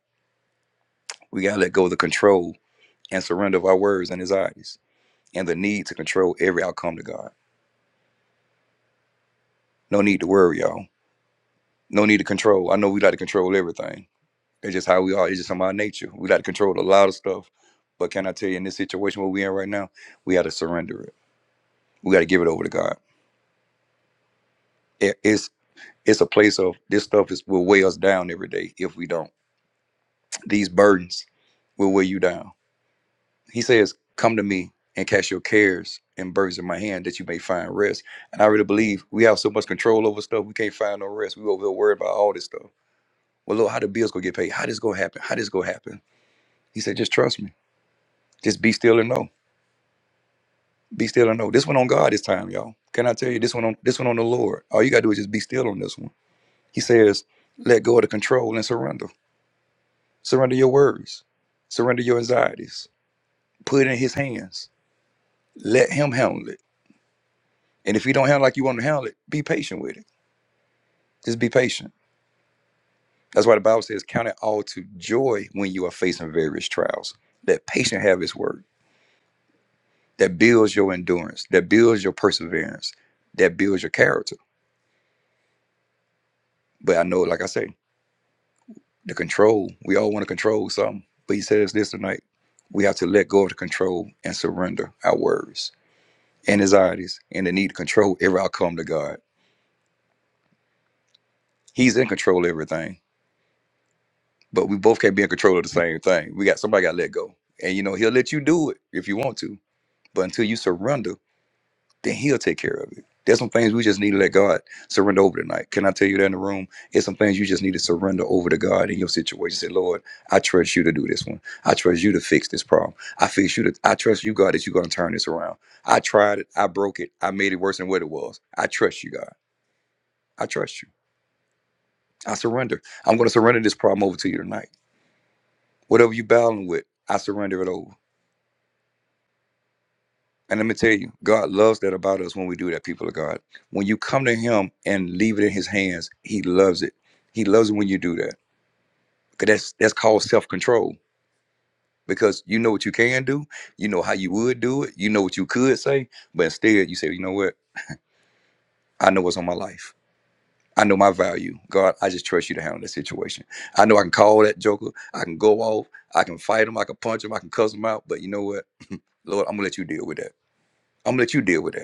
We gotta let go of the control and surrender of our worries and anxieties, and the need to control every outcome to God. No need to worry, y'all. No need to control. I know we like to control everything. That's just how we are. It's just from our nature. We like to control a lot of stuff. But can I tell you, in this situation where we're in right now, we got to surrender it. We got to give it over to God. It- It's it's a place of this stuff is will weigh us down every day if we don't. These burdens will weigh you down. He says, Come to me and cast your cares and burdens in my hand that you may find rest. And I really believe we have so much control over stuff, we can't find no rest. We over here worried about all this stuff. Well, Lord, how the bills gonna get paid? How this gonna happen? How this gonna happen? He said, just trust me. Just be still and know. Be still and know. This one on God this time, y'all. Can I tell you this one on this one on the Lord? All you gotta do is just be still on this one. He says, let go of the control and surrender. Surrender your worries. Surrender your anxieties. Put it in his hands. Let him handle it. And if he don't handle like you want to handle it, be patient with it. Just be patient. That's why the Bible says, count it all to joy when you are facing various trials. That patient have his work. That builds your endurance. That builds your perseverance. That builds your character. But I know, like I say, the control, we all want to control something. But he says this tonight. We have to let go of the control and surrender our worries and anxieties and the need to control every outcome to God He's in control of everything, but we both can't be in control of the same thing. We got somebody got to let go, and you know he'll let you do it if you want to, but until you surrender, then he'll take care of it. There's some things we just need to let God surrender over tonight. Can I tell you that in the room? There's some things you just need to surrender over to God in your situation. Say, Lord, I trust you to do this one. I trust you to fix this problem. I fix you to. I trust you, God, that you're going to turn this around. I tried it. I broke it. I made it worse than what it was. I trust you, God. I trust you. I surrender. I'm going to surrender this problem over to you tonight. Whatever you battling with, I surrender it over. And let me tell you, God loves that about us when we do that, people of God. When you come to Him and leave it in His hands, He loves it. He loves it when you do that. Because that's that's called self-control. Because you know what you can do, you know how you would do it, you know what you could say, but instead you say, you know what? I know what's on my life. I know my value. God, I just trust you to handle this situation. I know I can call that joker. I can go off. I can fight him. I can punch him. I can cuss him out. But you know what? Lord, I'm gonna let you deal with that. I'm gonna let you deal with that.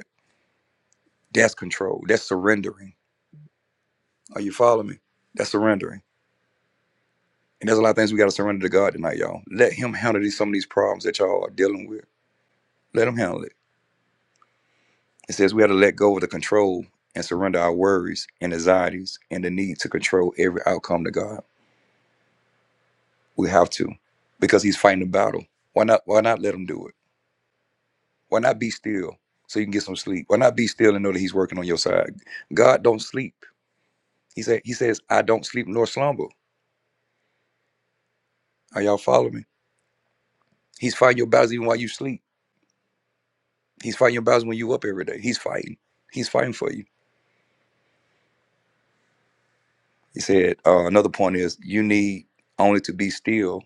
That's control. That's surrendering. Are you following me? That's surrendering. And there's a lot of things we got to surrender to God tonight, y'all. Let Him handle these, some of these problems that y'all are dealing with. Let Him handle it. It says we have to let go of the control and surrender our worries and anxieties and the need to control every outcome to God. We have to, because He's fighting the battle. Why not? Why not let Him do it? Why not be still so you can get some sleep? Why not be still and know that He's working on your side? God don't sleep. He said. He says, "I don't sleep nor slumber." Are y'all following me? He's fighting your battles even while you sleep. He's fighting your battles when you up every day. He's fighting. He's fighting for you. He said uh, another point is you need only to be still,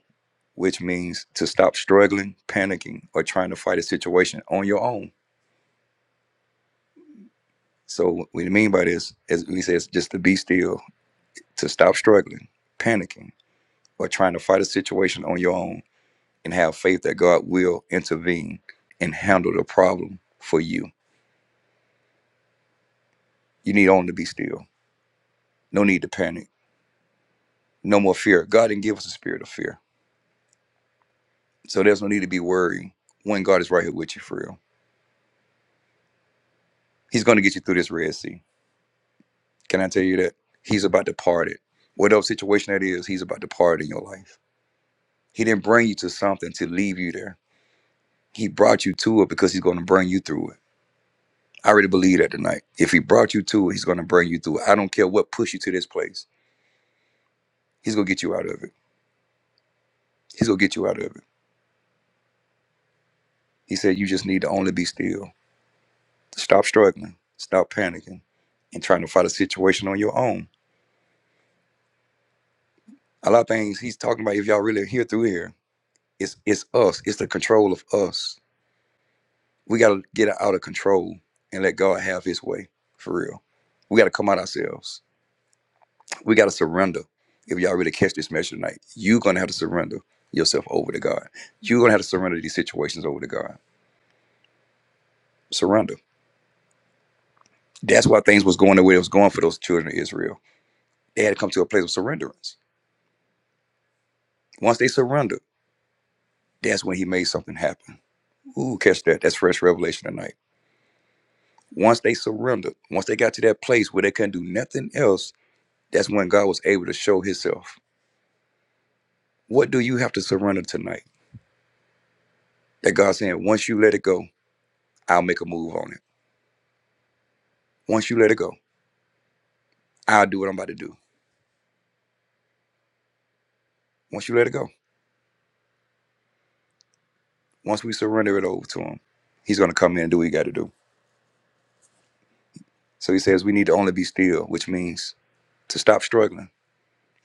which means to stop struggling, panicking, or trying to fight a situation on your own. So what we mean by this is he says just to be still, to stop struggling, panicking, or trying to fight a situation on your own, and have faith that God will intervene and handle the problem for you. You need only to be still. No need to panic. No more fear. God didn't give us a spirit of fear. So there's no need to be worried when God is right here with you for real. He's going to get you through this Red Sea. Can I tell you that? He's about to part it. Whatever situation that is, he's about to part it in your life. He didn't bring you to something to leave you there. He brought you to it because he's going to bring you through it. I already believe that tonight. If he brought you to it, he's going to bring you through it. I don't care what pushed you to this place. He's going to get you out of it. He's going to get you out of it. He said you just need to only be still. Stop struggling. Stop panicking and trying to fight a situation on your own A lot of things he's talking about, if y'all really hear through here, it's it's us. It's the control of us. We gotta get out of control and let God have his way. For real. We gotta come out ourselves. We gotta surrender. If y'all really catch this message tonight, you're gonna have to surrender yourself over to God. You're gonna have to surrender these situations over to God. Surrender. That's why things was going the way it was going for those children of Israel. They had to come to a place of surrenderance. Once they surrendered, that's when he made something happen. Ooh, catch that. That's fresh revelation tonight Once they surrendered, once they got to that place where they couldn't do nothing else, that's when God was able to show himself. What do you have to surrender tonight? That God's saying, once you let it go, I'll make a move on it. Once you let it go, I'll do what I'm about to do. Once you let it go, once we surrender it over to him, he's going to come in and do what he got to do. So he says we need to only be still, which means to stop struggling,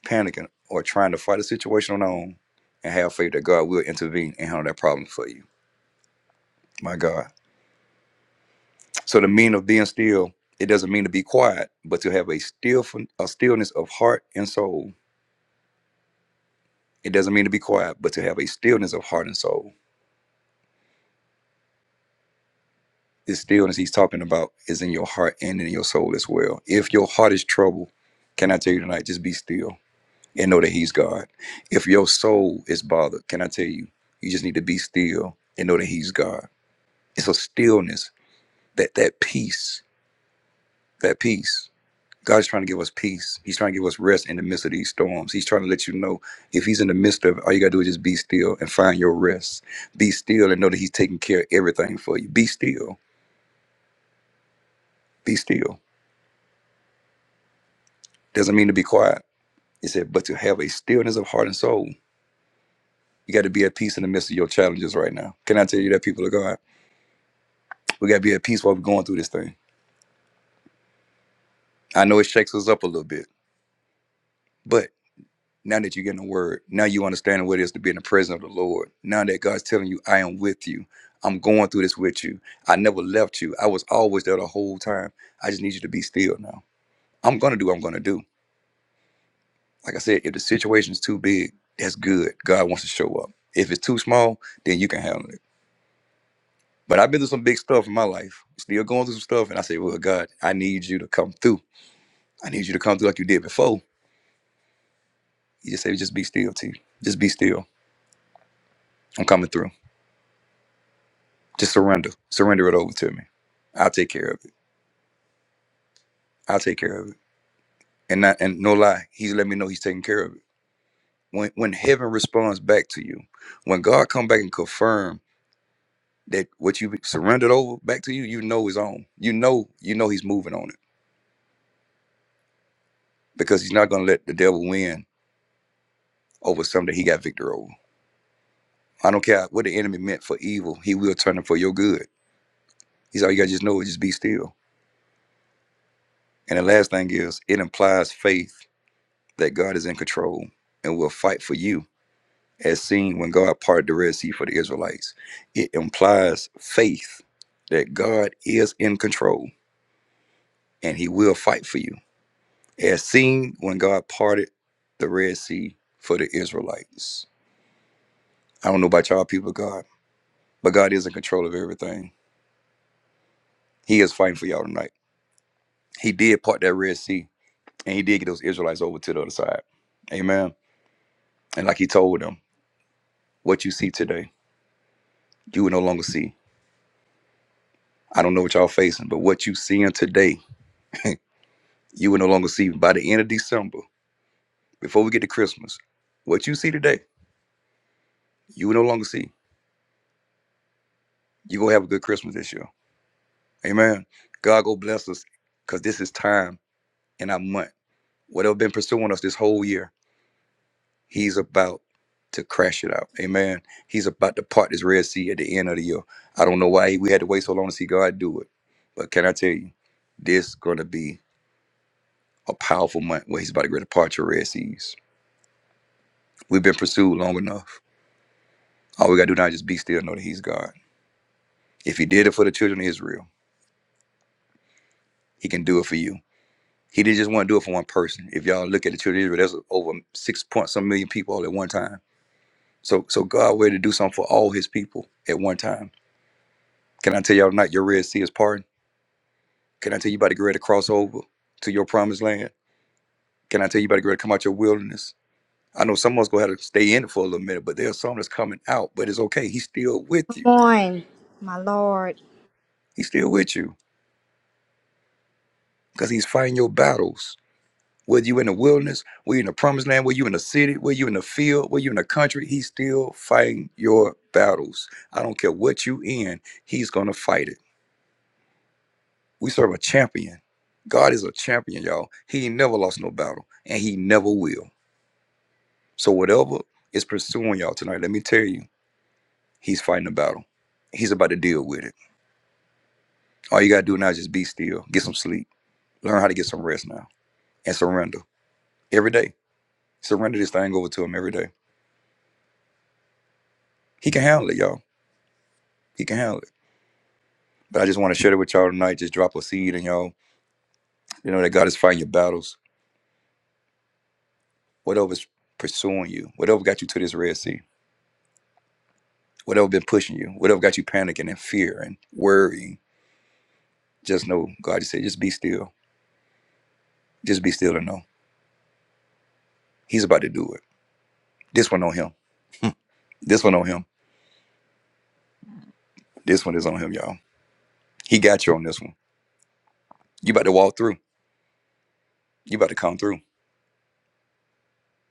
panicking, or trying to fight a situation on our own and have faith that God will intervene and handle that problem for you. My God. So the meaning of being still, it doesn't mean to be quiet, but to have a still a stillness of heart and soul. It doesn't mean to be quiet, but to have a stillness of heart and soul. This stillness he's talking about is in your heart and in your soul as well. If your heart is troubled, can I tell you tonight, just be still and know that he's God. If your soul is bothered, can I tell you, you just need to be still and know that he's God. It's a stillness, that that peace, that peace. God's trying to give us peace. He's trying to give us rest in the midst of these storms. He's trying to let you know if He's in the midst of it, all you got to do is just be still and find your rest. Be still and know that He's taking care of everything for you. Be still. Be still. Doesn't mean to be quiet. It said, but to have a stillness of heart and soul. You got to be at peace in the midst of your challenges right now. Can I tell you that, people of God? We got to be at peace while we're going through this thing. I know it shakes us up a little bit, but Now that you're getting the word, now you understand what it is to be in the presence of the Lord. Now that God's telling you, I am with you. I'm going through this with you. I never left you. I was always there the whole time. I just need you to be still now. I'm gonna do what I'm gonna do. Like I said, if the situation's too big, that's good. God wants to show up. If it's too small, then you can handle it. But I've been through some big stuff in my life, still going through some stuff, and I say, Well, God, I need you to come through. I need you to come through like you did before. You just say, just be still, T. Just be still. I'm coming through. Just surrender. Surrender it over to me. I'll take care of it. I'll take care of it. And not and no lie, he's let me know he's taking care of it. When when heaven responds back to you, when God come back and confirm that what you surrendered over back to you, you know is on. You know, you know he's moving on it. Because he's not gonna let the devil win over something that he got victory over. I don't care what the enemy meant for evil, he will turn it for your good. He's all you gotta just know is just be still. And the last thing is it implies faith that God is in control and will fight for you as seen when God parted the Red Sea for the Israelites. It implies faith that God is in control and he will fight for you, as seen when God parted the Red Sea for the Israelites. I don't know about y'all people, of God, but God is in control of everything. He is fighting for y'all tonight. He did part that Red Sea and he did get those Israelites over to the other side. Amen. And like he told them, what you see today, you will no longer see. I don't know what y'all facing, but what you seeing today You will no longer see by the end of December, before we get to Christmas, what you see today, you will no longer see. you going to have a good Christmas this year. Amen. God go bless us because this is time in our month. Whatever been pursuing us this whole year, he's about to crash it out. Amen. He's about to part this Red Sea at the end of the year. I don't know why we had to wait so long to see God do it. But can I tell you, this is going to be a powerful month where he's about to get a part your Red Seas. We've been pursued long enough. All we got to do now is just be still and know that he's God. If he did it for the children of Israel, he can do it for you. He didn't just want to do it for one person. If y'all look at the children of Israel, that's over six point some million people all at one time. So so God wanted to do something for all his people at one time. Can I tell y'all tonight your Red Sea is pardoned? Can I tell you about the greater crossover to your promised land? Can I tell you about the greater come out your wilderness? I know someone's gonna have to stay in it for a little minute, but there's some that's coming out, but it's okay. He's still with Come you. on, my Lord. He's still with you. Because he's fighting your battles. Whether you in the wilderness, whether you in the promised land, whether you in the city, whether you in the field, whether you in the country, he's still fighting your battles. I don't care what you in, he's gonna fight it. We serve a champion. God is a champion, y'all. He ain't never lost no battle, and he never will. So whatever is pursuing y'all tonight, let me tell you, he's fighting a battle. He's about to deal with it. All you gotta do now is just be still, get some sleep, learn how to get some rest now, and surrender every day. Surrender this thing over to him every day. He can handle it, y'all. He can handle it. But I just want to share it with y'all tonight. Just drop a seed and y'all, you know, that God is fighting your battles. Whatever's pursuing you, whatever got you to this Red Sea, whatever been pushing you, whatever got you panicking and fear and worrying, just know God just said, just be still. Just be still and know. He's about to do it. This one on him. This one on him. This one is on him, y'all. He got you on this one. You about to walk through. You about to come through.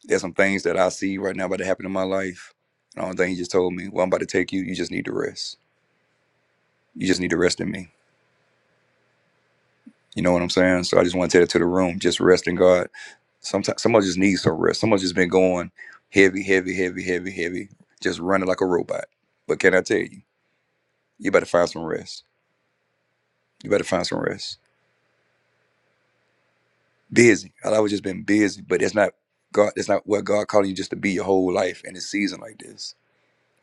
There's some things that I see right now about to happen in my life. And the only thing he just told me, well, I'm about to take you, you just need to rest. You just need to rest in me You know what I'm saying? So I just want to take it to the room, just rest in God. Sometimes someone just needs some rest. Someone's just been going heavy, heavy, heavy, heavy, heavy, just running like a robot. But can I tell you, you better find some rest. You better find some rest. Busy. I've always just been busy, but it's not God. It's not what God calling you just to be your whole life in a season like this.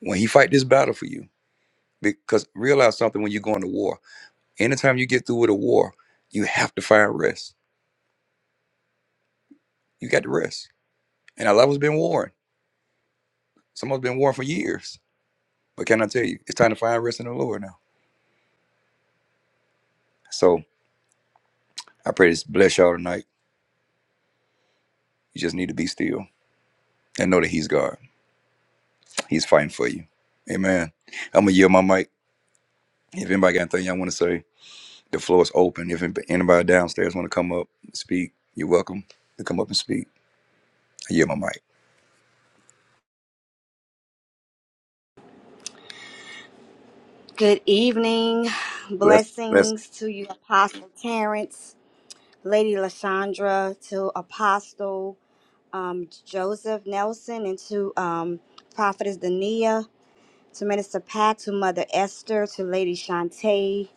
When He fight this battle for you, because realize something when you go into war. Anytime you get through with a war, you have to find rest. You got to rest. And I love has been warring. Someone's been warring for years But can I tell you, it's time to find rest in the Lord now. So I pray this bless y'all tonight. You just need to be still and know that He's God. He's fighting for you. Amen. I'm gonna yield my mic. If anybody got anything y'all want to say, the floor is open. If anybody downstairs want to come up and speak, you're welcome to come up and speak. I yield my mic. Good evening. Bless, bless, Blessings to you, Apostle Terrence, Lady Lashandra, to Apostle um, Joseph Nelson, and to um, Prophetess Dania, to Minister Pat, to Mother Esther, to Lady Shantae,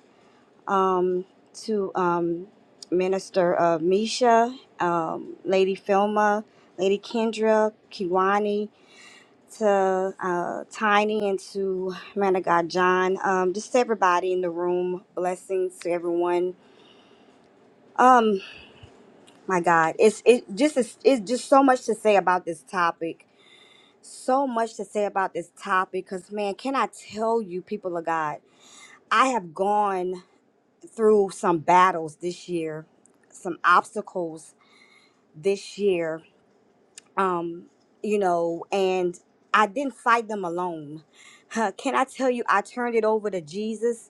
um, to um, Minister uh, Misha, um, Lady Filma, Lady Kendra, Kiwani. to uh, Tiny and to man of God John. Um, just to everybody in the room. Blessings to everyone. Um, my God, it's it just is it's just so much to say about this topic. So much to say about this topic, cause man, can I tell you, people of God, I have gone through some battles this year, some obstacles this year um, you know, and I didn't fight them alone. Huh, Can I tell you, I turned it over to Jesus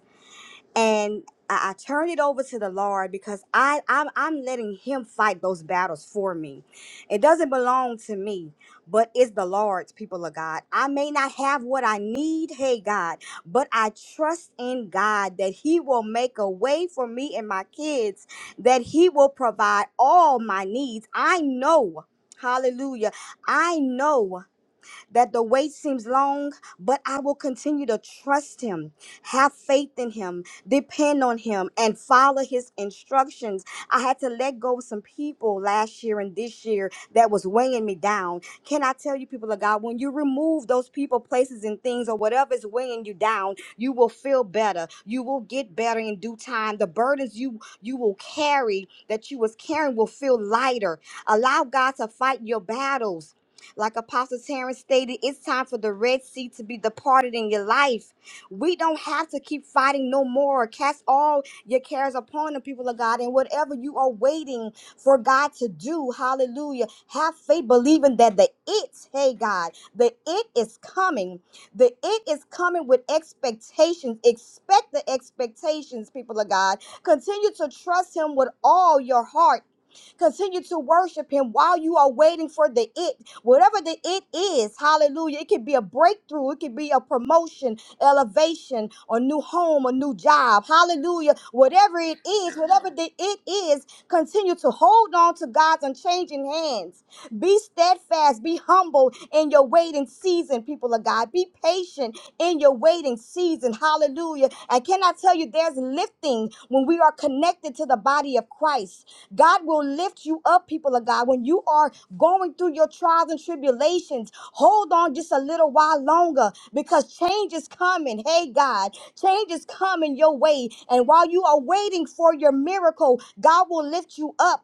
and I, I turn it over to the Lord because I I'm, I'm letting Him fight those battles for me. It doesn't belong to me, but it's the Lord's people of God. I may not have what I need, hey God, but I trust in God that He will make a way for me and my kids, that He will provide all my needs. I know. Hallelujah. I know that the wait seems long, but I will continue to trust him, have faith in him, depend on him, and follow his instructions. I had to let go of some people last year and this year that was weighing me down. Can I tell you, people of God, when you remove those people, places, and things, or whatever is weighing you down, you will feel better. You will get better in due time. The burdens you you will carry that you was carrying will feel lighter. Allow God to fight your battles like Apostle Terrence stated, it's time for the Red Sea to be departed in your life. We don't have to keep fighting no more. Cast all your cares upon the people of God and whatever you are waiting for God to do. Hallelujah. Have faith believing that the it, hey God, the it is coming. The it is coming with expectations. Expect the expectations, people of God. Continue to trust him with all your heart. Continue to worship him while you are waiting for the it. Whatever that it is, hallelujah. It could be a breakthrough, it could be a promotion, elevation, a new home, a new job. Hallelujah. Whatever it is, whatever that it is, continue to hold on to God's unchanging hands. Be steadfast, be humble in your waiting season, people of God. Be patient in your waiting season. Hallelujah. And can I cannot tell you there's lifting when we are connected to the body of Christ. God will lift you up, people of God. When you are going through your trials and tribulations, hold on just a little while longer because change is coming. Hey, God, change is coming your way. And while you are waiting for your miracle, God will lift you up.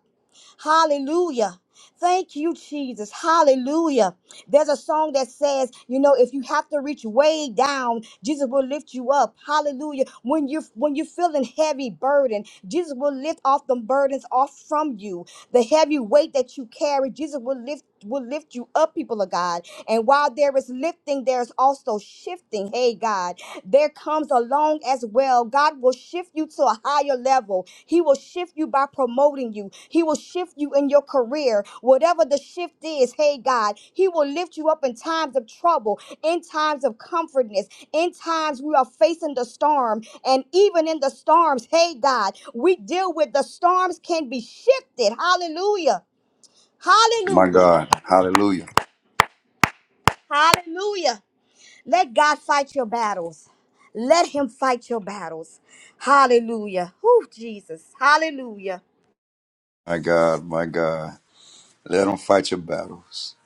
Hallelujah. Thank you, Jesus. Hallelujah. There's a song that says, you know, if you have to reach way down, Jesus will lift you up. Hallelujah. When you're when you're feeling heavy burden, Jesus will lift off the burdens off from you. The heavy weight that you carry, Jesus will lift will lift you up, people of God. And while there is lifting, there's also shifting. Hey God there comes along as well. God will shift you to a higher level. He will shift you by promoting you. He will shift you in your career. Whatever the shift is, hey God, He will lift you up in times of trouble, in times of comfortness, in times we are facing the storm. And even in the storms, hey God, we deal with the storms can be shifted. Hallelujah. my Hallelujah. God. Hallelujah. Hallelujah. Let God fight your battles. Let him fight your battles. Hallelujah. Whew, Jesus. Hallelujah. My God, my God. Let them fight your battles.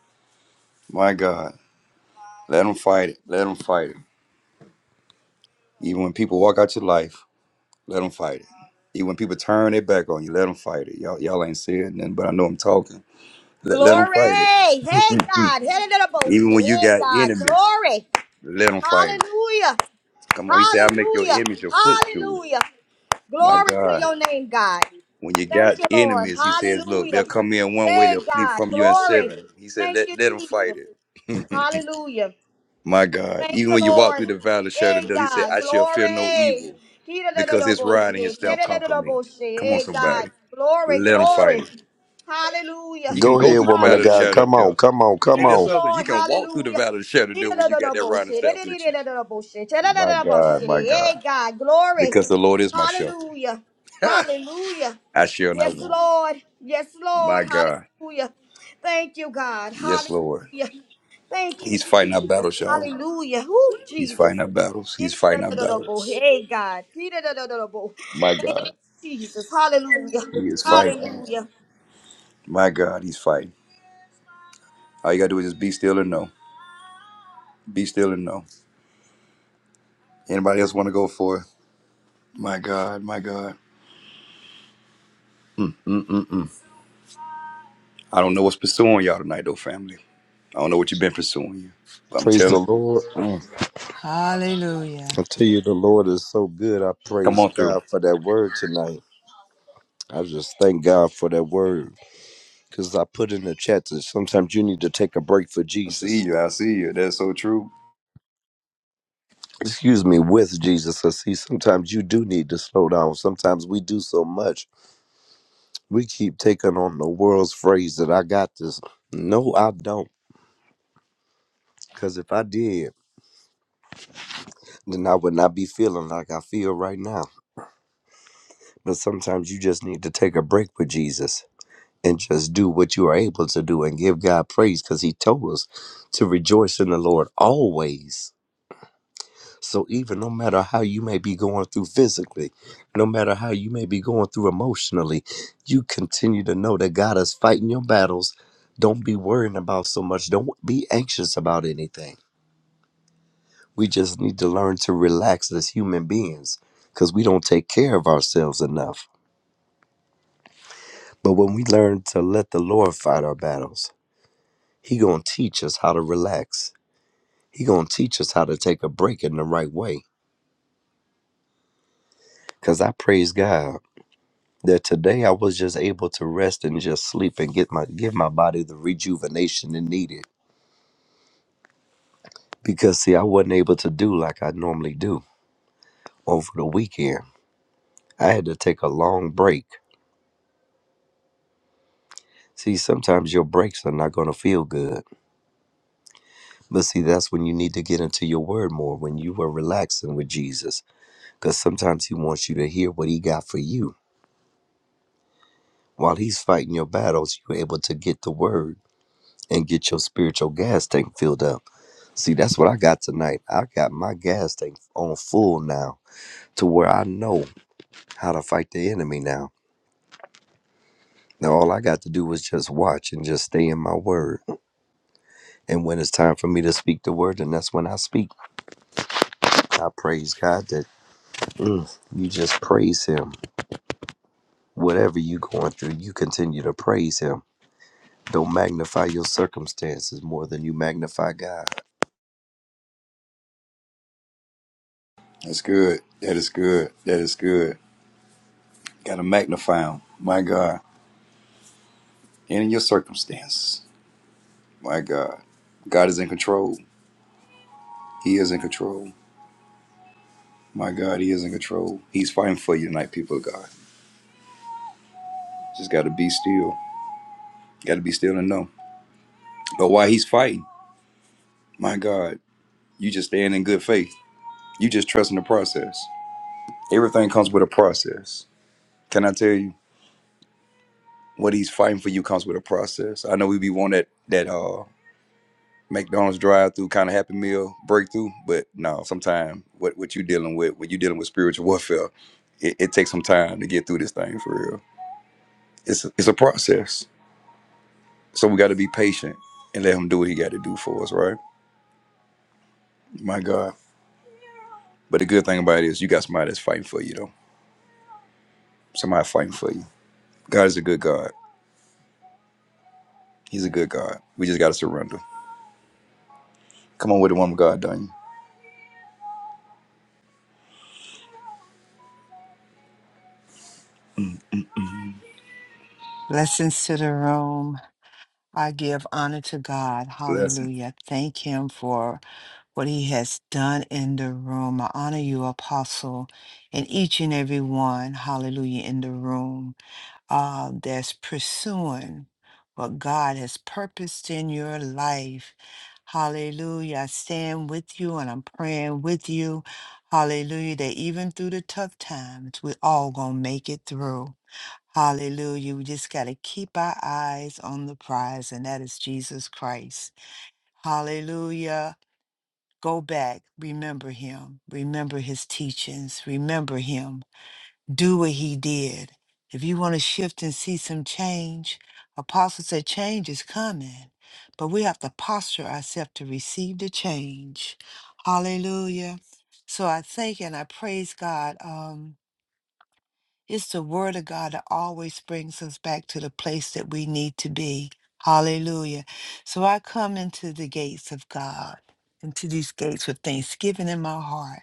My God. Let them fight it. Let them fight it. Even when people walk out your life, Let them fight it. Even when people turn their back on you, let them fight it. Y'all, y'all ain't saying nothing, but I know I'm talking. Let, let them Glory. fight it. Hey, God. Hey, little boat. Even when you Hey, got God. enemies, Glory. let them fight it. Hallelujah. Come on, he said, I make your Hallelujah. image your footstool. Hallelujah. My Glory to God. your name, God. When you Thank got you, Lord. enemies, he says, look, they'll Hallelujah. come in one way, Hey, they'll flee God. from you in Glory. seven. He said, Thank let, you, let them fight Jesus. it. Hallelujah. My God. Thank Even you, when you walk Lord. through the valley of shadow of Hey, death, he said, God. I shall fear no Glory. evil because his rod and his Ki-da-da-da-da-bo-shi. staff comfort me. Ki-da-da-da-da-bo-shi. Come on, Hey, God. somebody. Glory, Let them fight glory. it. You Hallelujah. can Go go ahead, through the woman of valley of the God. Hallelujah. shadow Come of death. on, come on, come Ain't Yes, that on. something? You Lord. can walk through the Hallelujah. valley of the shadow of Hey, death when you got that riding staff with you. My God, my God. God. Glory. Because the Lord is my shepherd. Hallelujah. Hallelujah. I shall not Yes, want. Lord. Yes, My Lord. God. Hallelujah. Thank you, God. Yes, Lord. Hallelujah. Thank you, He's fighting our Jesus. battles, y'all. Hallelujah. Who He's Jesus? fighting our battles. He's Hey, fighting our battles. God. My Thank God. you, Jesus. Hallelujah. He is fighting. Hallelujah. My God, he's fighting. All you gotta do is just be still and know. Be still and know. Anybody else wanna go for it? My God, my God. I don't know what's pursuing y'all tonight though, family. I don't know what you've been pursuing you. But I'm Praise the telling you, Lord. Mm. Hallelujah. I tell you, the Lord is so good. I come praise on through. God for that word tonight. I just thank God for that word because I put in the chat that sometimes you need to take a break for I Jesus. see you. I see you. That's so true. Excuse me, with Jesus. I see sometimes you do need to slow down. Sometimes we do so much. We keep taking on the world's phrase that I got this. No, I don't. Because if I did, then I would not be feeling like I feel right now. But sometimes you just need to take a break with Jesus and just do what you are able to do and give God praise because He told us to rejoice in the Lord always. So, even no matter how you may be going through physically, no matter how you may be going through emotionally, you continue to know that God is fighting your battles. Don't be worrying about so much. Don't be anxious about anything. We just need to learn to relax as human beings because we don't take care of ourselves enough But when we learn to let the Lord fight our battles, He gonna teach us how to relax. He gonna teach us how to take a break in the right way. Cause I praise God that today I was just able to rest and just sleep and get my give my body the rejuvenation it needed. Because see, I wasn't able to do like I normally do over the weekend. I had to take a long break. See, sometimes your breaks are not going to feel good. But see, that's when you need to get into your word more, when you were relaxing with Jesus because sometimes he wants you to hear what he got for you. While he's fighting your battles, you're able to get the word and get your spiritual gas tank filled up. See, that's what I got tonight. I got my gas tank on full now to where I know how to fight the enemy now. Now, all I got to do is just watch and just stay in my word. And when it's time for me to speak the word, then that's when I speak. I praise God that mm, you just praise Him. Whatever you going through, you continue to praise Him Don't magnify your circumstances more than you magnify God. That's good. That is good. That is good. Got to magnify him. My God. And in your circumstances. My God. God is in control. He is in control. My God, He is in control. He's fighting for you tonight, people of God. Just got to be still. Got to be still and know. But while He's fighting, my God, you just stand in good faith. You just trust in the process. Everything comes with a process. Can I tell you? What He's fighting for you comes with a process. I know we be one that that uh McDonald's drive through kind of happy meal breakthrough. But no, sometimes what what you dealing with when you dealing with spiritual warfare, it, it takes some time to get through this thing for real. It's a, it's a process, so we got to be patient and let him do what he got to do for us, right? My God. But the good thing about it is you got somebody that's fighting for you though. Somebody fighting for you. God is a good God. He's a good God. We just got to surrender. Come on with the woman God done you. Blessings to the room. I give honor to God. Blessing. Hallelujah. Thank Him for what He has done in the room. I honor you, Apostle, and each and every one. Hallelujah. In the room. uh, that's pursuing what God has purposed in your life. Hallelujah. I stand with you and I'm praying with you. Hallelujah. That even through the tough times, we all going to make it through. Hallelujah. We just got to keep our eyes on the prize, and that is Jesus Christ. Hallelujah. Go back. Remember him. Remember his teachings. Remember him do what he did. If you want to shift and see some change, Apostle said change is coming, but we have to posture ourselves to receive the change. Hallelujah. So I thank and I praise God. Um. It's the word of God that always brings us back to the place that we need to be. Hallelujah. So I come into the gates of God, into these gates with thanksgiving in my heart,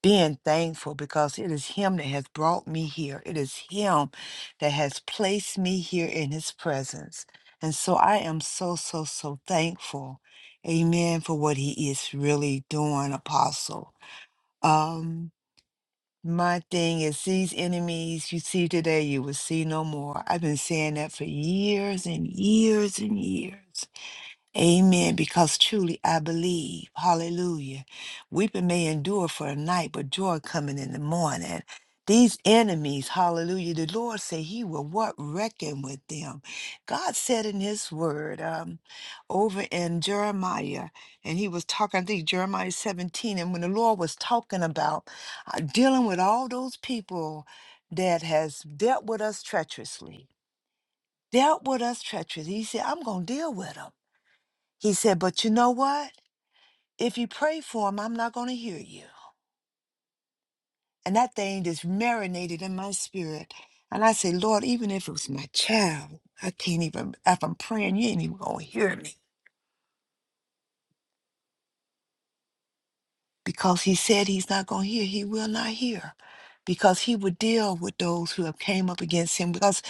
being thankful because it is Him that has brought me here. It is Him that has placed me here in His presence. And so I am so, so, so thankful. Amen for what He is really doing, Apostle. Um. My thing is, these enemies you see today, you will see no more. I've been saying that for years and years and years. Amen. Because truly I believe. Hallelujah. Weeping may endure for a night, but joy coming in the morning. These enemies, hallelujah, the Lord said he will what reckon with them. God said in his word um, over in Jeremiah, and he was talking, I think Jeremiah 17, and when the Lord was talking about uh, dealing with all those people that has dealt with us treacherously, dealt with us treacherously, he said, I'm going to deal with them. He said, But you know what? If you pray for him, I'm not going to hear you. And that thing just marinated in my spirit. And I say, Lord, even if it was my child, I can't even, if I'm praying, you ain't even going to hear me. Because he said he's not going to hear, he will not hear. Because he would deal with those who have came up against him. Because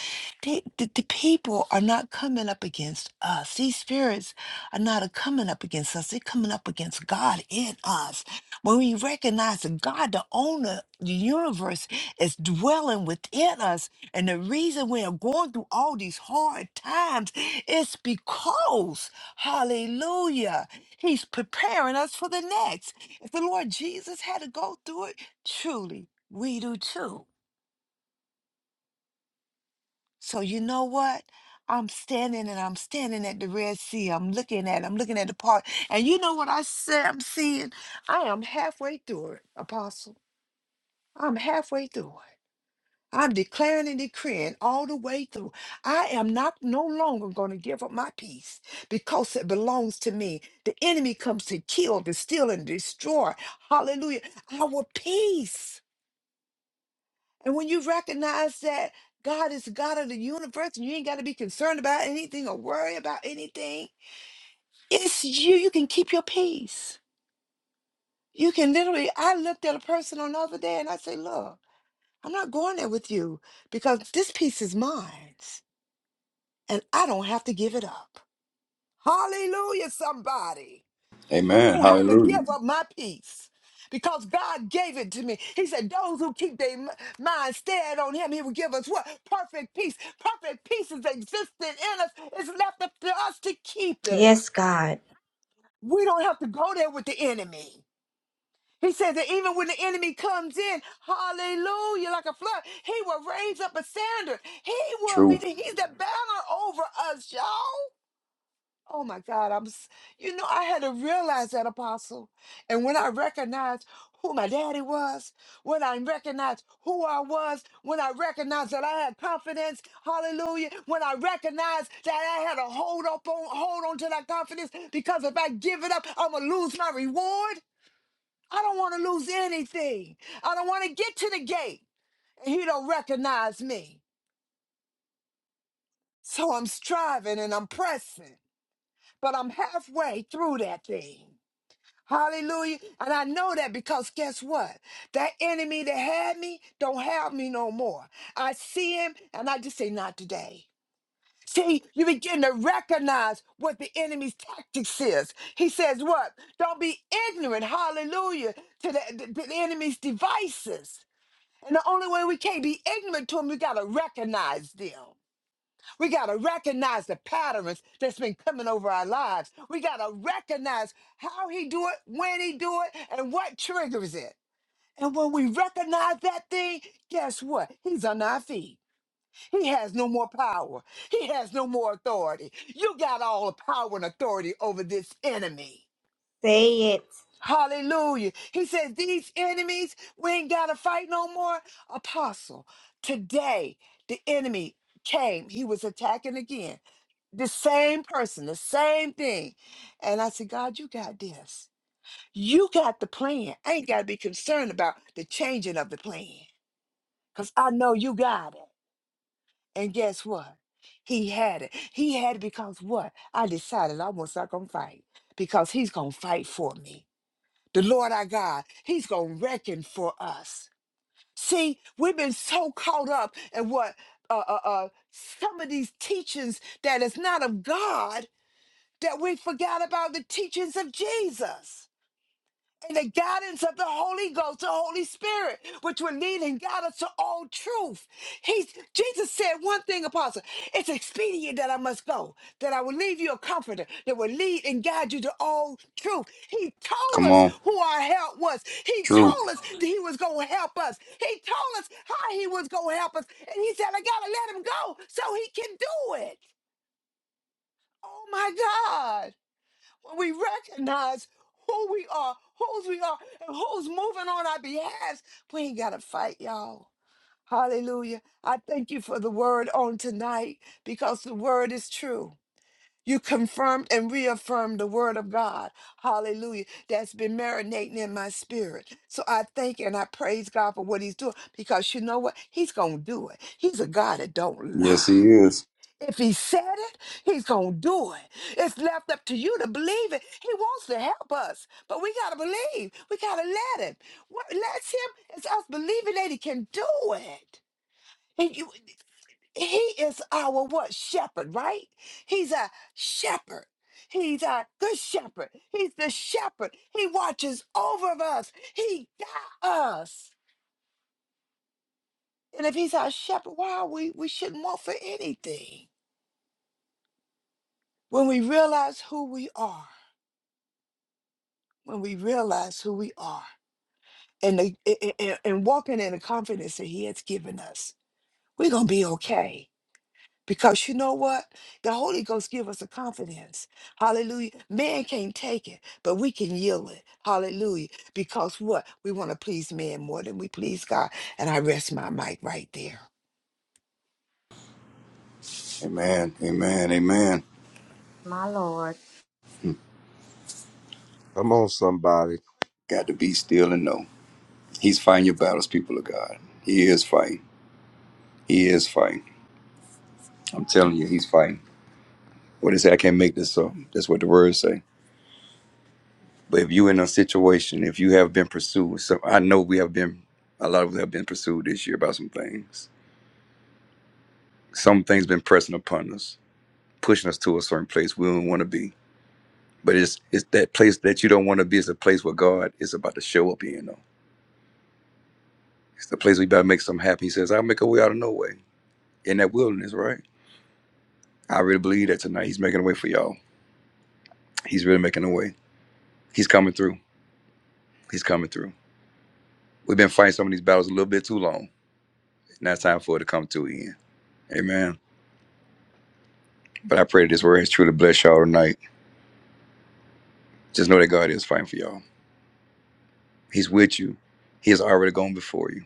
they, the, the people are not coming up against us. These spirits are not a coming up against us. They're coming up against God in us. When we recognize that God, the owner, of the universe is dwelling within us. And the reason we are going through all these hard times is because, hallelujah, he's preparing us for the next. If the Lord Jesus had to go through it, truly, we do too. So you know what? I'm standing and I'm standing at the Red Sea. I'm looking at it. I'm looking at the part. And you know what I said I'm seeing? I am halfway through it, Apostle. I'm halfway through it. I'm declaring and decreeing all the way through. I am not no longer going to give up my peace because it belongs to me. The enemy comes to kill, to steal, and destroy. Hallelujah. Our peace. And when you recognize that God is the God of the universe and you ain't got to be concerned about anything or worry about anything, it's you. You can keep your peace. You can literally, I looked at a person on the other day and I say, Look, I'm not going there with you because this peace is mine and I don't have to give it up. Hallelujah, somebody. I Amen. don't have to Hallelujah. give up my peace because God gave it to me. He said, Those who keep their m- mind stead on Him, He will give us what? Perfect peace. Perfect peace is existent in us. It's left up to us to keep it. Yes, God. We don't have to go there with the enemy. He said that even when the enemy comes in, hallelujah, like a flood, he will raise up a standard. He will be, True. he's the banner over us, y'all. Oh my God, I'm, s- you know, I had to realize that, Apostle. And when I recognized who my daddy was, when I recognized who I was, when I recognized that I had confidence, hallelujah, when I recognized that I had to hold up on, hold on to that confidence, because if I give it up, I'm going to lose my reward. I don't want to lose anything. I don't want to get to the gate and he don't recognize me. So I'm striving and I'm pressing, but I'm halfway through that thing. Hallelujah. And I know that because guess what? That enemy that had me don't have me no more. I see him and I just say, not today. See, you begin to recognize what the enemy's tactics is. He says, what? Don't be ignorant, hallelujah, to the, the, the enemy's devices. And the only way we can't be ignorant to them, we got to recognize them. We got to recognize the patterns that's been coming over our lives. We got to recognize how he do it, when he do it, and what triggers it. And when we recognize that thing, guess what? He's on our feet. He has no more power. He has no more authority. You got all the power and authority over this enemy. Say it, Hallelujah. He says, These enemies, we ain't got to fight no more. Apostle, today the enemy came. He was attacking again the same person, the same thing. And I said, God, you got this. You got the plan. I ain't got to be concerned about the changing of the plan because I know you got it. And guess what? He had it. He had it because what? I decided I was not going to fight because he's going to fight for me. The Lord our God, he's going to reckon for us. See, we've been so caught up in what uh, uh, uh, some of these teachings that is not of God that we forgot about the teachings of Jesus and the guidance of the Holy Ghost, the Holy Spirit, which will lead and guide us to all truth. He's, Jesus said one thing, Apostle, it's expedient that I must go, that I will leave you a comforter that will lead and guide you to all truth. He Come told us on. who our help was. He True. told us that he was going to help us. He told us how he was going to help us. And he said, I got to let him go so he can do it. Oh my God when we recognize who we are, whose we are, and who's moving on our behalf, we ain't got to fight, y'all. Hallelujah. I thank you for the word on tonight because the word is true. You confirmed and reaffirmed the word of God. Hallelujah. That's been marinating in my spirit. So I thank and I praise God for what he's doing because you know what? He's going to do it. He's a God that don't Yes, lie. he is. If he said it, he's going to do it. It's left up to you to believe it. He wants to help us, but we got to believe. We got to let him. What lets him is us believing that he can do it. And you, he is our what? Shepherd, right? He's a shepherd. He's a good shepherd. He's the shepherd. He watches over us. He got us. And if he's our shepherd, why we, we shouldn't want for anything when we realize who we are when we realize who we are and, the, a- a- a- and walking in the confidence that he has given us, we're going to be okay. Because you know what? The Holy Ghost give us a confidence. Hallelujah. Man can't take it, but we can yield it. Hallelujah. Because what? We want to please man more than we please God. And I rest my mic right there. Amen. Amen. Amen. my Lord. Come on, somebody. Got to be still and know. He's fighting your battles, people of God. He is fighting. He is fighting. I'm telling you, he's fighting. What they say I can't make this up. That's what the words say. But if you in a situation, if you have been pursued, so I know we have been a lot of us have been pursued this year about some things. Some things been pressing upon us, pushing us to a certain place we don't want to be. But it's it's that place that you don't want to be is the place where God is about to show up in though. It's the place we about to make something happen. He says, I'll make a way out of no way. in that wilderness, right? I really believe that tonight he's making a way for y'all. He's really making a way. He's coming through. He's coming through. We've been fighting some of these battles a little bit too long. Now it's time for it to come to an end. Amen. But I pray that this word has truly blessed y'all tonight. Just know that God is fighting for y'all. He's with you. He has already gone before you.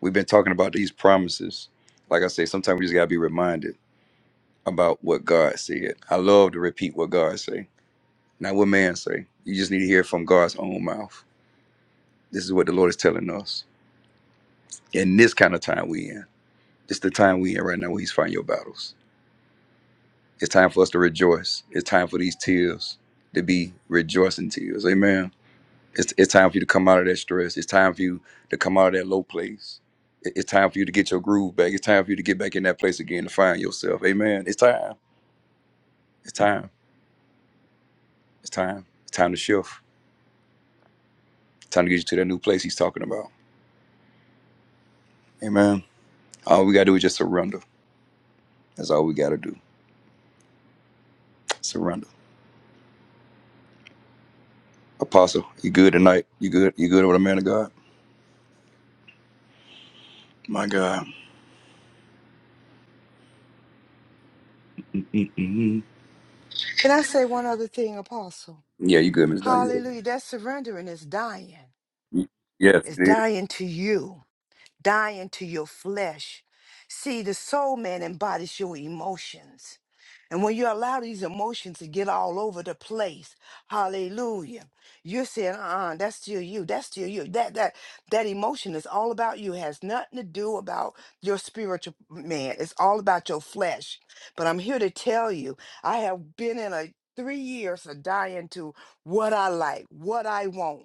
We've been talking about these promises. Like I say, sometimes we just gotta be reminded about what God said. I love to repeat what God say, not what man say. You just need to hear from God's own mouth. This is what the Lord is telling us. in this kind of time we in. It's the time we in right now where he's fighting your battles. It's time for us to rejoice. It's time for these tears to be rejoicing tears. Amen. It's, it's time for you to come out of that stress. It's time for you to come out of that low place. It- It's time for you to get your groove back. It's time for you to get back in that place again to find yourself. Amen. It's time. It's time. It's time. It's time to shift. It's time to get you to that new place he's talking about. Amen. All we gotta do is just surrender. That's all we gotta do. Surrender. Apostle, you good tonight? You good? You good over the man of God? My God. mm mm Can I say one other thing, Apostle? Yeah, you good, Miss Daniel. Hallelujah. That surrendering is dying. Yes, It's it is. dying to you. dying to your flesh. See, the soul man embodies your emotions. And when you allow these emotions to get all over the place, hallelujah, you're saying, uh-uh, that's still you, that's still you. That that that emotion is all about you, It has nothing to do about your spiritual man. It's all about your flesh. But I'm here to tell you, I have been in a three years of dying to what I like, what I want.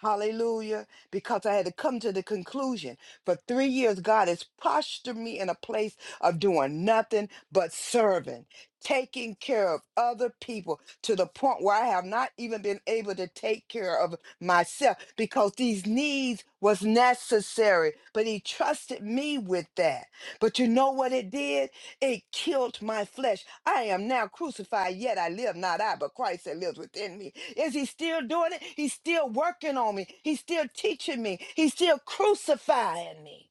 Hallelujah. Because I had to come to the conclusion. For three years, God has postured me in a place of doing nothing but serving, taking care of other people to the point where I have not even been able to take care of myself because these needs was necessary. But he trusted me with that. But you know what it did? It killed my flesh. I am now crucified, yet I live not I, but Christ that lives within me. Is he still doing it? He's still working on me. He's still teaching me. He's still crucifying me.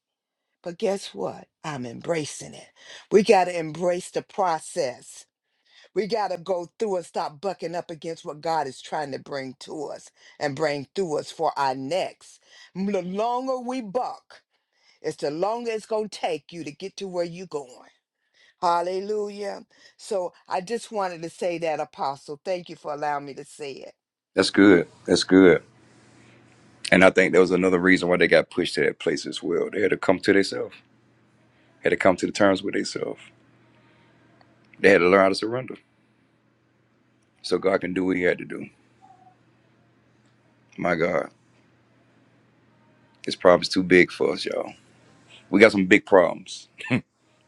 But guess what? I'm embracing it. We got to embrace the process. We got to go through and stop bucking up against what God is trying to bring to us and bring through us for our next. The longer we buck, it's the longer it's going to take you to get to where you're going. Hallelujah. So I just wanted to say that, Apostle. Thank you for allowing me to say it. That's good. That's good. And I think that was another reason why they got pushed to that place as well. They had to come to themselves. Had to come to the terms with themselves. They had to learn how to surrender. So God can do what He had to do. My God, His problem's too big for us, y'all. We got some big problems,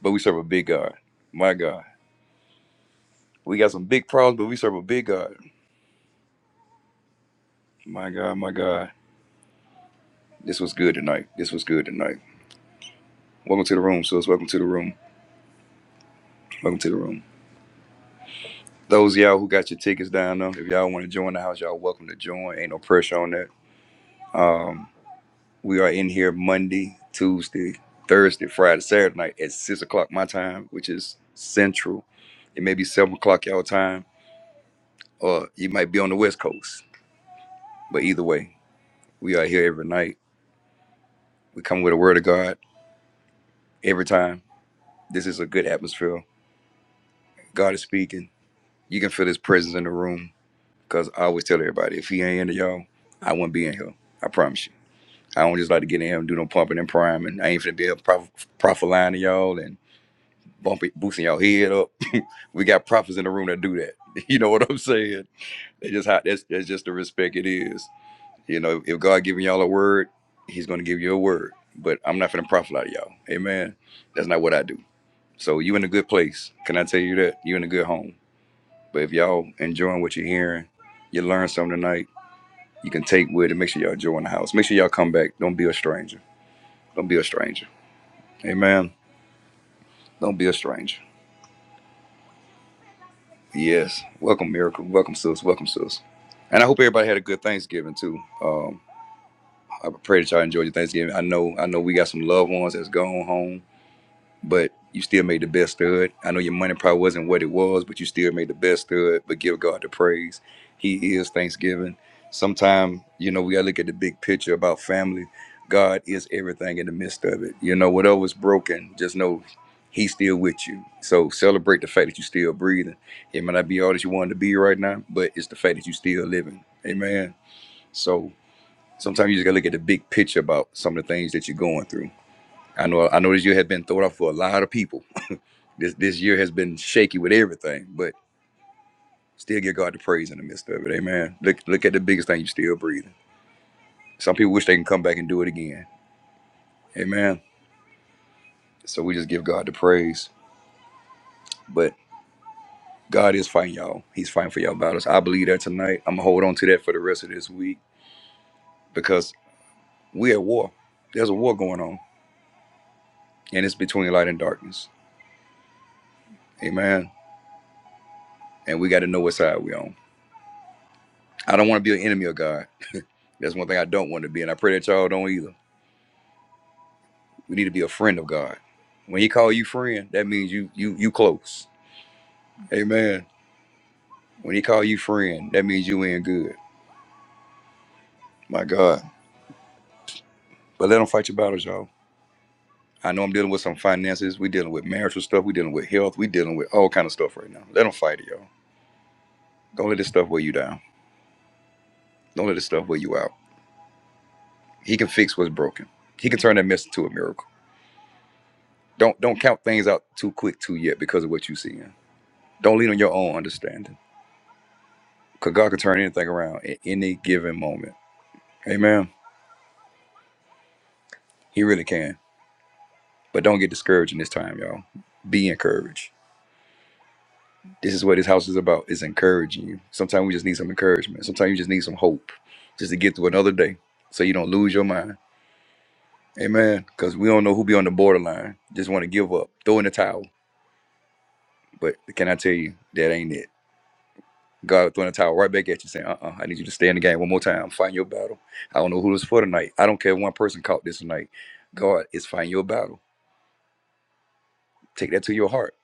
but we serve a big God. My God, we got some big problems, but we serve a big God. My God, my God, this was good tonight. This was good tonight. Welcome to the room, sis. Welcome to the room. Welcome to the room. Those of y'all who got your tickets down though, if y'all want to join the house, y'all welcome to join. Ain't no pressure on that. Um, we are in here Monday, Tuesday, Thursday, Friday, Saturday night at six o'clock my time, which is central. It may be seven o'clock y'all time, or you might be on the west coast. But either way, we are here every night. We come with a word of God every time. This is a good atmosphere. God is speaking. You can feel his presence in the room. Cause I always tell everybody, if he ain't in it, y'all, I wouldn't be in here. I promise you. I don't just like to get in here and do no pumping and priming. I ain't finna be a prof- prophet lying to y'all and bumping, boosting y'all head up. we got prophets in the room that do that. You know what I'm saying? They just how that's that's just the respect it is. You know, if God giving y'all a word, He's gonna give you a word. But I'm not finna profit out of y'all. Amen. That's not what I do. So you in a good place. Can I tell you that? You in a good home. But if y'all enjoying what you're hearing, you learn something tonight. You can take with it. Make sure y'all join the house. Make sure y'all come back. Don't be a stranger. Don't be a stranger Amen. Don't be a stranger. Yes. Welcome, miracle. Welcome, sis. Welcome, sis. And I hope everybody had a good Thanksgiving too. Um, I pray that y'all enjoyed your Thanksgiving. I know, I know, we got some loved ones that's gone home. but you still made the best of it. I know your money probably wasn't what it was, but you still made the best of it. But give God the praise. He is Thanksgiving. Sometimes, you know, we gotta look at the big picture about family. God is everything in the midst of it. You know, whatever was broken, just know He's still with you. So celebrate the fact that you're still breathing. It might not be all that you wanted to be right now, but it's the fact that you're still living. Amen. So sometimes you just gotta look at the big picture about some of the things that you're going through. I know I know that you have been thrown off for a lot of people this this year has been shaky with everything, but still give God the praise in the midst of it. Amen. Look look at the biggest thing you still breathing. Some people wish they can come back and do it again. Amen. So we just give God the praise. But God is fighting y'all. He's fighting for y'all battles. I believe that tonight. I'm gonna hold on to that for the rest of this week because we're at war. There's a war going on, and it's between light and darkness. Amen. And we got to know what side we're on. I don't want to be an enemy of God. That's one thing I don't want to be, and I pray that y'all don't either. We need to be a friend of God. When he call you friend, that means you you you close. Amen. When he call you friend, that means you in good. My God. But let them fight your battles, y'all. I know I'm dealing with some finances. We dealing with marital stuff. We dealing with health. We dealing with all kind of stuff right now. Let them fight it, y'all. Don't let this stuff weigh you down. Don't let this stuff weigh you out. He can fix what's broken. He can turn that mess into a miracle. Don't don't count things out too quick too yet because of what you seeing. Don't lean on your own understanding. Cause God can turn anything around at any given moment. Amen. He really can. But don't get discouraged in this time, y'all. Be encouraged. This is what this house is about, is encouraging you. Sometimes we just need some encouragement. Sometimes you just need some hope just to get through another day so you don't lose your mind. Amen. Because we don't know who be on the borderline. Just want to give up, throw in the towel. But can I tell you, that ain't it. God throwing the towel right back at you saying, uh-uh, I need you to stay in the game one more time. Fight your battle. I don't know who this for tonight. I don't care if one person caught this tonight. God is fighting your battle. Take that to your heart.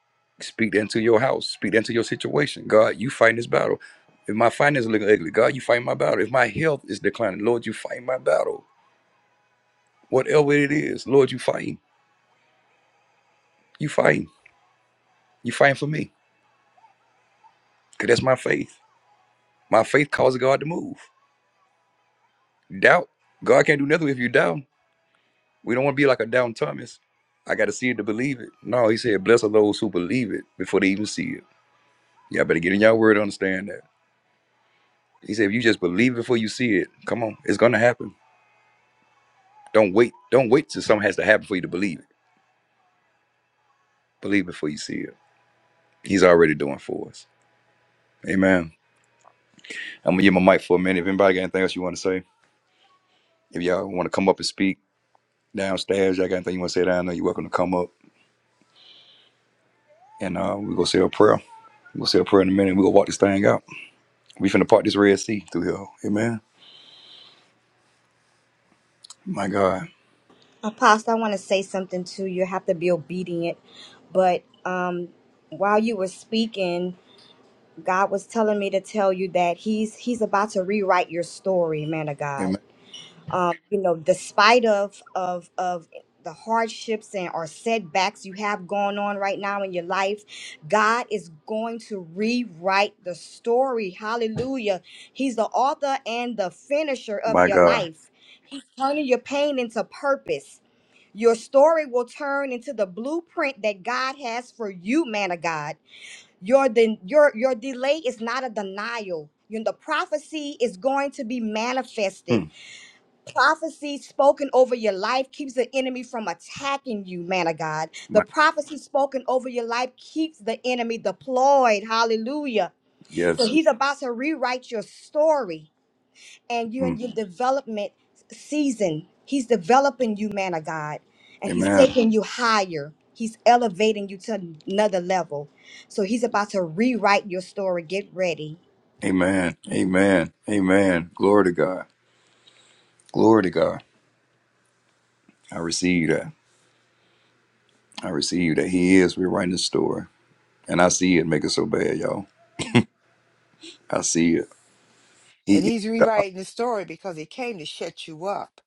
Speak that into your house. Speak that into your situation. God, you fight this battle. If my finances are looking ugly, God, you fight my battle. If my health is declining, Lord, you fight my battle. Whatever it is, Lord, you fighting. You fighting. You fighting for me. Because that's my faith. My faith causes God to move. Doubt. God can't do nothing if you doubt. We don't want to be like a down Thomas. I got to see it to believe it. No, he said, blessed are those who believe it before they even see it. Y'all better get in your word to understand that. He said, if you just believe it before you see it, come on, it's going to happen. Don't wait. Don't wait till something has to happen for you to believe it. Believe before you see it. He's already doing for us. Amen. I'm gonna give my mic for a minute. If anybody got anything else you want to say, if y'all want to come up and speak downstairs, y'all got anything you want to say down there, you're welcome to come up. And uh, we gonna say a prayer. we gonna say a prayer in a minute. we gonna walk this thing out. We finna part this Red Sea through here. Amen. My God. Apostle, I want to say something too. You You have to be obedient. But um, while you were speaking, God was telling me to tell you that He's He's about to rewrite your story, man of God. Amen. Um, you know, despite of of of the hardships and or setbacks you have going on right now in your life, God is going to rewrite the story. Hallelujah. He's the author and the finisher of My your God. life, turning your pain into purpose your story will turn into the blueprint that God has for you, man of God. Your de- your your delay is not a denial. You know, the prophecy is going to be manifested. Hmm. Prophecy spoken over your life keeps the enemy from attacking you, man of God. The My prophecy spoken over your life keeps the enemy deployed. Hallelujah. So yes. he's about to rewrite your story and you're Hmm. in your development season. He's developing you, man of God, and He's Amen. taking you higher. He's elevating you to another level. So He's about to rewrite your story. Get ready. Amen. Amen. Amen. Glory to God. Glory to God. I receive that. I receive that He is rewriting the story. And I see it make it so bad, y'all. I see it. And He, he's rewriting the story because he came to shut you up.